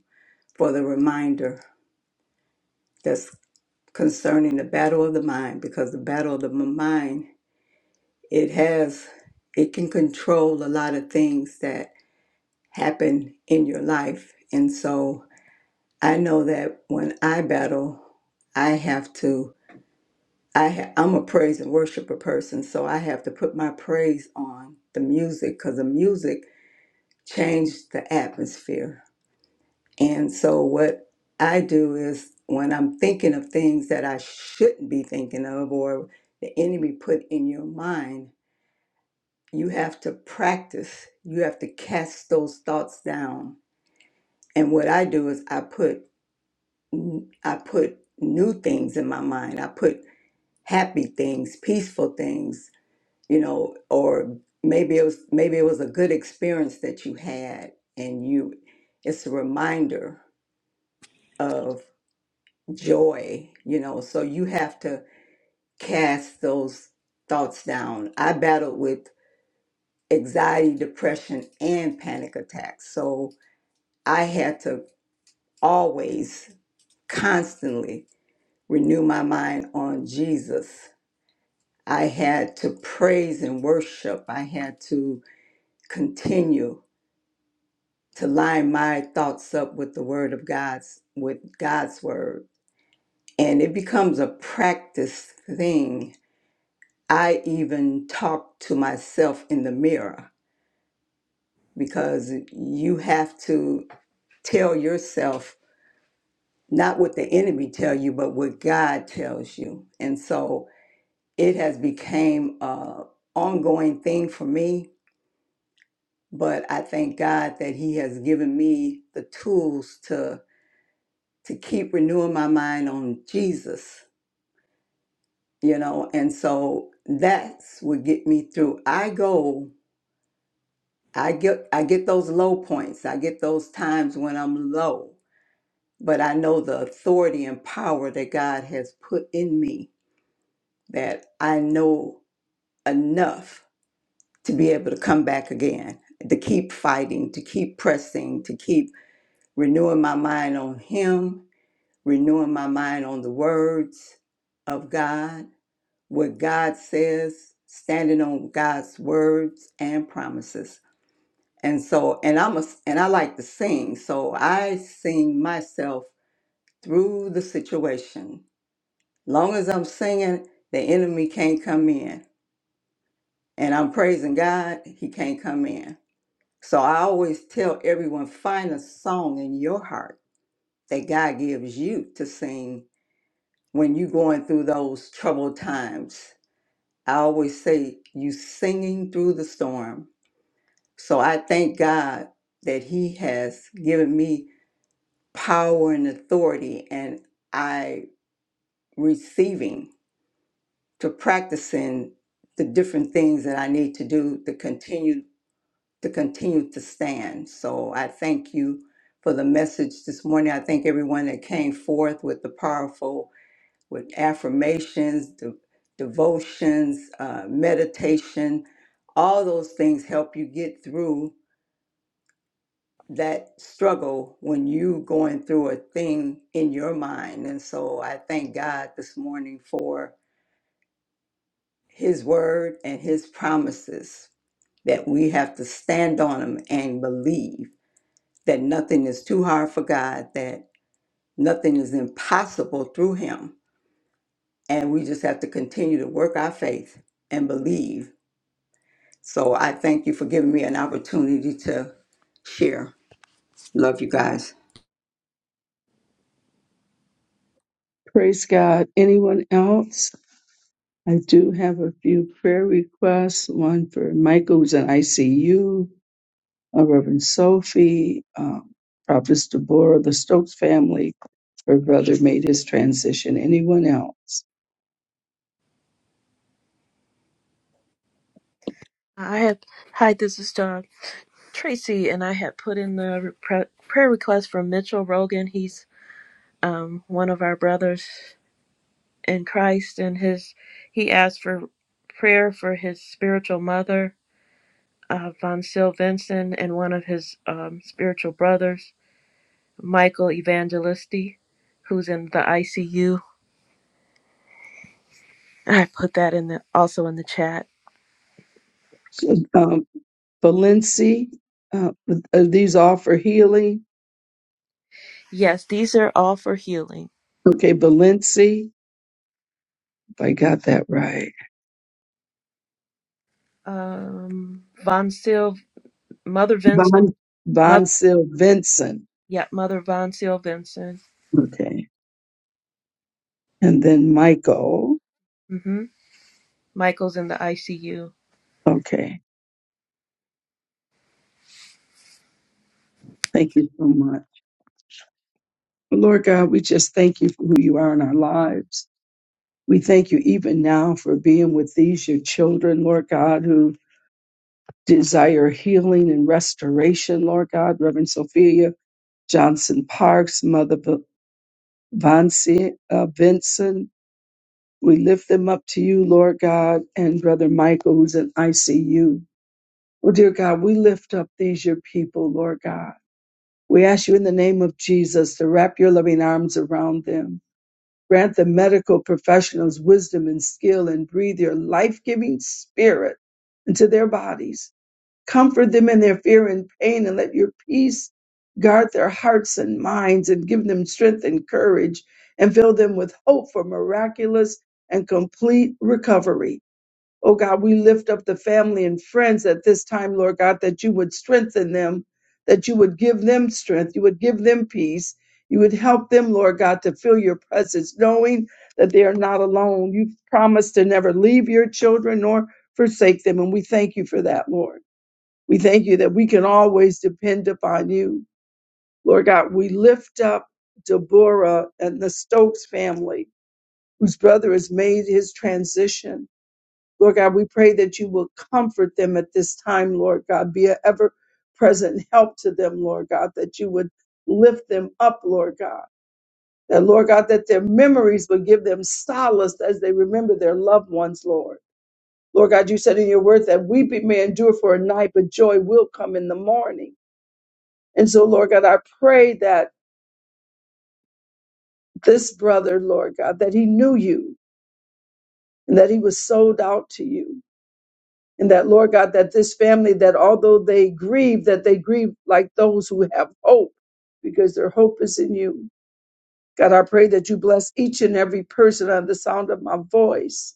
S7: for the reminder that's concerning the battle of the mind, because the battle of the mind, it has, it can control a lot of things that happen in your life. And so I know that when I battle, I have to, I ha- I'm a praise and worshiper person, so I have to put my praise on the music, because the music changed the atmosphere And so, what I do is when I'm thinking of things that I shouldn't be thinking of, or the enemy put in your mind, you have to practice. You have to cast those thoughts down. And what I do is I put I put new things in my mind. I put happy things, peaceful things, you know, or maybe it was maybe it was a good experience that you had, and you. It's a reminder of. joy, you know. So you have to cast those thoughts down. I battled with anxiety, depression, and panic attacks. So I had to always constantly renew my mind on Jesus. I had to praise and worship. I had to continue to line my thoughts up with the word of God's with God's word. And it becomes a practice thing I even talk to myself in the mirror because you have to tell yourself not what the enemy tell you, but what God tells you. And so it has became a ongoing thing for me. But I thank God that He has given me the tools to to keep renewing my mind on Jesus, you know. And so that's what get me through. I go I get I get those low points. I get those times when I'm low, but I know the authority and power that God has put in me that I know enough to be able to come back again, to keep fighting, to keep pressing, to keep renewing my mind on him, renewing my mind on the words of God, what God says, standing on God's words and promises. And so, and I'm a, and I like to sing, so I sing myself through the situation. Long as I'm singing, the enemy can't come in. And I'm praising God, he can't come in. So I always tell everyone, find a song in your heart that God gives you to sing when you're going through those troubled times. I always say, you singing through the storm. So I thank God that he has given me power and authority and I receiving to practicing the different things that I need to do to continue to continue to stand. So I thank you for the message this morning. I thank everyone that came forth with the powerful with affirmations, de- devotions, uh, meditation. All those things help you get through that struggle when you going through a thing in your mind. And so I thank God this morning for his word and his promises that we have to stand on them and believe that nothing is too hard for God, that nothing is impossible through him. And we just have to continue to work our faith and believe. So I thank you for giving me an opportunity to share. Love you guys.
S2: Praise God. Anyone else? I do have a few prayer requests. One for Michael, who's in ICU, uh, Reverend Sophie, um, Prophetess Deborah, the Stokes family. Her brother made his transition. Anyone else?
S6: I have. Hi, this is Dawn. Tracy and I had put in the pre- prayer request from Mitchell Rogan. He's um, one of our brothers in Christ, and his he asked for prayer for his spiritual mother, uh, Von Sil Vincent, and one of his um, spiritual brothers, Michael Evangelisti, who's in the ICU. I put that in the also in the chat.
S2: So, um, Valency, uh, are these all for healing?
S6: Yes, these are all for healing.
S2: Okay, Valency, if I got that right.
S6: Um, Von Sil, Mother Vincent,
S2: Von,
S6: Mother,
S2: Von Sil Vincent.
S6: yeah, Mother Von Sil Vincent.
S2: Okay. And then Michael.
S6: Michael's in the ICU.
S2: Okay. Thank you so much. But Lord God, we just thank you for who you are in our lives. We thank you even now for being with these, your children, Lord God, who desire healing and restoration, Lord God. Reverend Sophia Johnson Parks, Mother V- Vancy, uh, Vincent, we lift them up to you, Lord God, and Brother Michael, who's in ICU. Oh, dear God, we lift up these, your people, Lord God. We ask you in the name of Jesus to wrap your loving arms around them. Grant the medical professionals wisdom and skill and breathe your life giving spirit into their bodies. Comfort them in their fear and pain and let your peace guard their hearts and minds and give them strength and courage and fill them with hope for miraculous and complete recovery. Oh God, we lift up the family and friends at this time, Lord God, that you would strengthen them, that you would give them strength, you would give them peace, you would help them, Lord God, to feel your presence, knowing that they are not alone. You've promised to never leave your children nor forsake them, and we thank you for that, Lord. We thank you that we can always depend upon you. Lord God, we lift up Deborah and the Stokes family, whose brother has made his transition. Lord God, we pray that you will comfort them at this time, Lord God. Be an ever present help to them, Lord God, that you would lift them up, Lord God. That, Lord God, that their memories would give them solace as they remember their loved ones, Lord. Lord God, you said in your word that weeping may endure for a night, but joy will come in the morning. And so, Lord God, I pray that this brother, Lord God, that he knew you and that he was sold out to you and that Lord God, that this family, that although they grieve, that they grieve like those who have hope, because their hope is in you. God, I pray that you bless each and every person under the sound of my voice.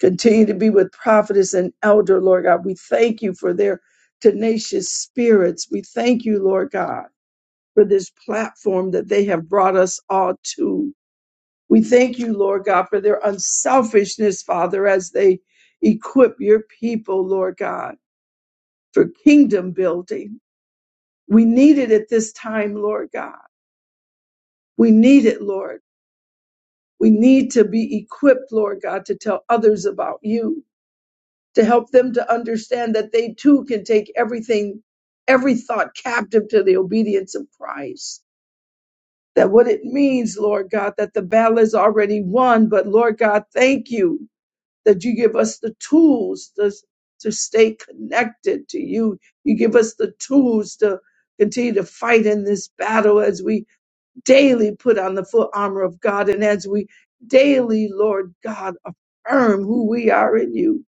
S2: Continue to be with prophetess and elder, Lord God. We thank you for their tenacious spirits. We thank you, Lord God, for this platform that they have brought us all to. We thank you, Lord God, for their unselfishness, Father, as they equip your people, Lord God for kingdom building. We need it at this time, Lord God. We need it, Lord. We need to be equipped, Lord God, to tell others about you, to help them to understand that they too can take everything, every thought captive to the obedience of Christ. That what it means, Lord God, that the battle is already won. But Lord God, thank you that you give us the tools to, to stay connected to you. You give us the tools to continue to fight in this battle as we daily put on the full armor of God and as we daily, Lord God, affirm who we are in you.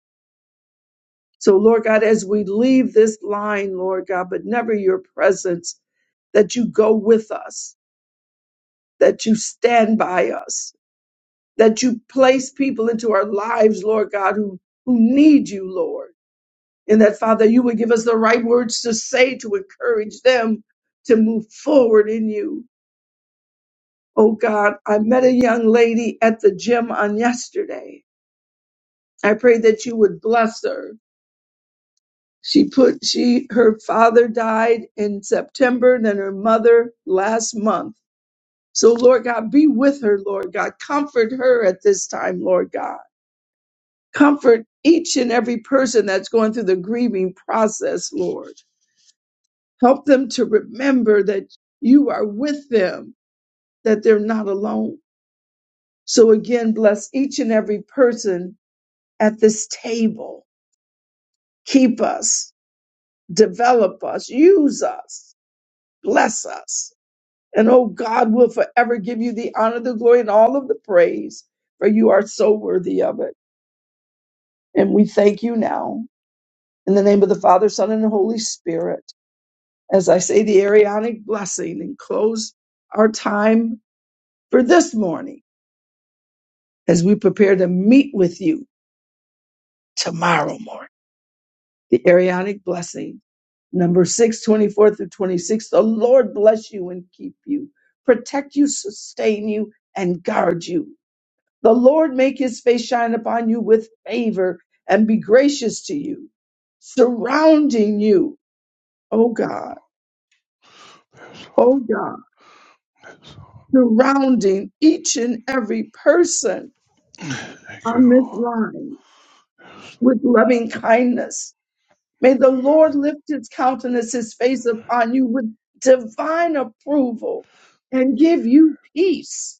S2: So, Lord God, as we leave this line, Lord God, but never your presence, that you go with us, that you stand by us, that you place people into our lives, Lord God, who, who need you, Lord And that, Father, you would give us the right words to say to encourage them to move forward in you. Oh God, I met a young lady at the gym on yesterday. I pray that you would bless her. She put, she, her father died in September, then her mother last month. So Lord God, be with her, Lord God. Comfort her at this time, Lord God. Comfort each and every person that's going through the grieving process, Lord. Help them to remember that you are with them, that they're not alone. So again, bless each and every person at this table. Keep us, develop us, use us, bless us. And oh God, will forever give you the honor, the glory, and all of the praise, for you are so worthy of it. And we thank you now in the name of the Father, Son, and the Holy Spirit. As I say the Arianic blessing and close our time for this morning. as we prepare to meet with you tomorrow morning. The Arianic blessing, number 6, 24 through 26. The Lord bless you and keep you, protect you, sustain you, and guard you. The Lord make his face shine upon you with favor and be gracious to you, surrounding you, oh God,
S4: That's all.
S2: oh God,
S4: That's all.
S2: surrounding each and every person
S4: Thank you,
S2: on this
S4: Lord.
S2: line with loving kindness May the Lord lift his countenance, his face upon you with divine approval and give you peace,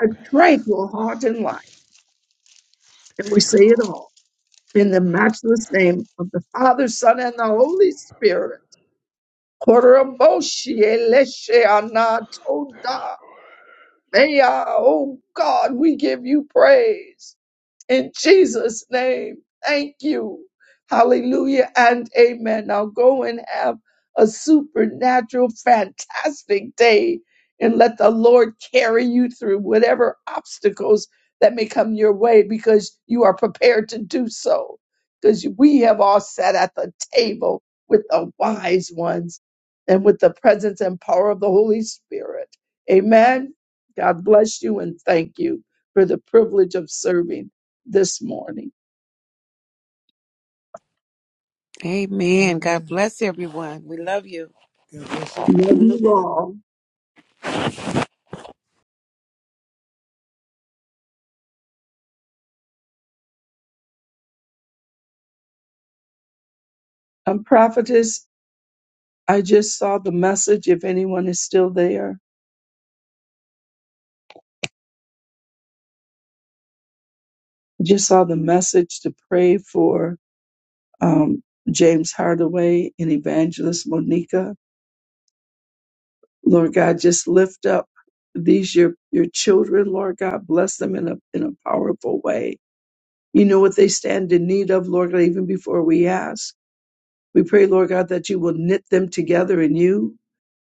S2: a tranquil heart and life. And we say it all in the matchless name of the Father, Son, and the Holy Spirit. Koroboshi eleshe anatoda. Mea, Oh God, we give you praise. in Jesus' name. Thank you. Hallelujah and amen. Now go and have a supernatural, fantastic day and let the Lord carry you through whatever obstacles that may come your way because you are prepared to do so. Because we have all sat at the table with the wise ones and with the presence and power of the Holy Spirit. Amen. God bless you and thank you for the privilege of serving this morning.
S1: Amen. God bless everyone. We love you.
S2: Love you all. Um, prophetess, I just saw the message. If anyone is still there, I just saw the message to pray for um, James Hardaway and Evangelist Monica. Lord God, just lift up these your your children. Lord God, bless them in a in a powerful way. You know what they stand in need of, Lord God. Even before we ask, we pray, Lord God, that you will knit them together in you.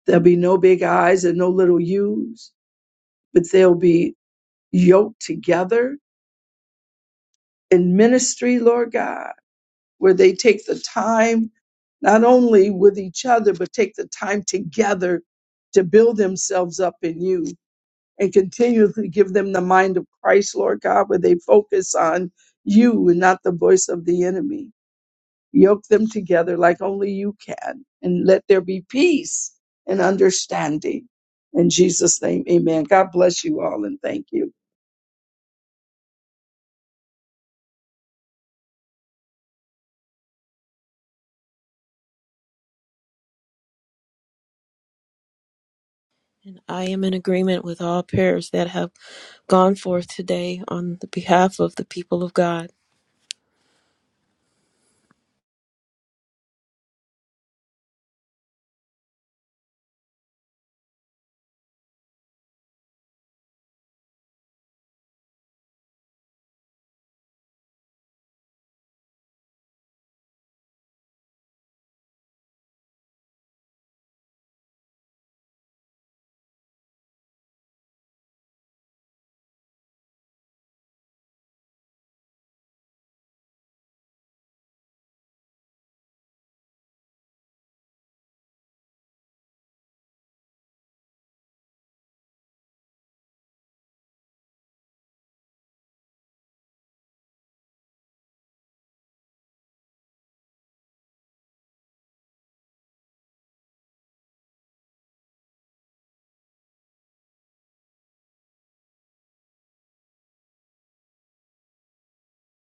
S2: There'll be no big eyes and no little U's but they'll be yoked together in ministry, Lord God, where they take the time not only with each other, but take the time together to build themselves up in you and continually give them the mind of Christ, Lord God, where they focus on you and not the voice of the enemy. Yoke them together like only you can and let there be peace and understanding. In Jesus' name, amen. God bless you all and thank you.
S6: And I am in agreement with all prayers that have gone forth today on the behalf of the people of God.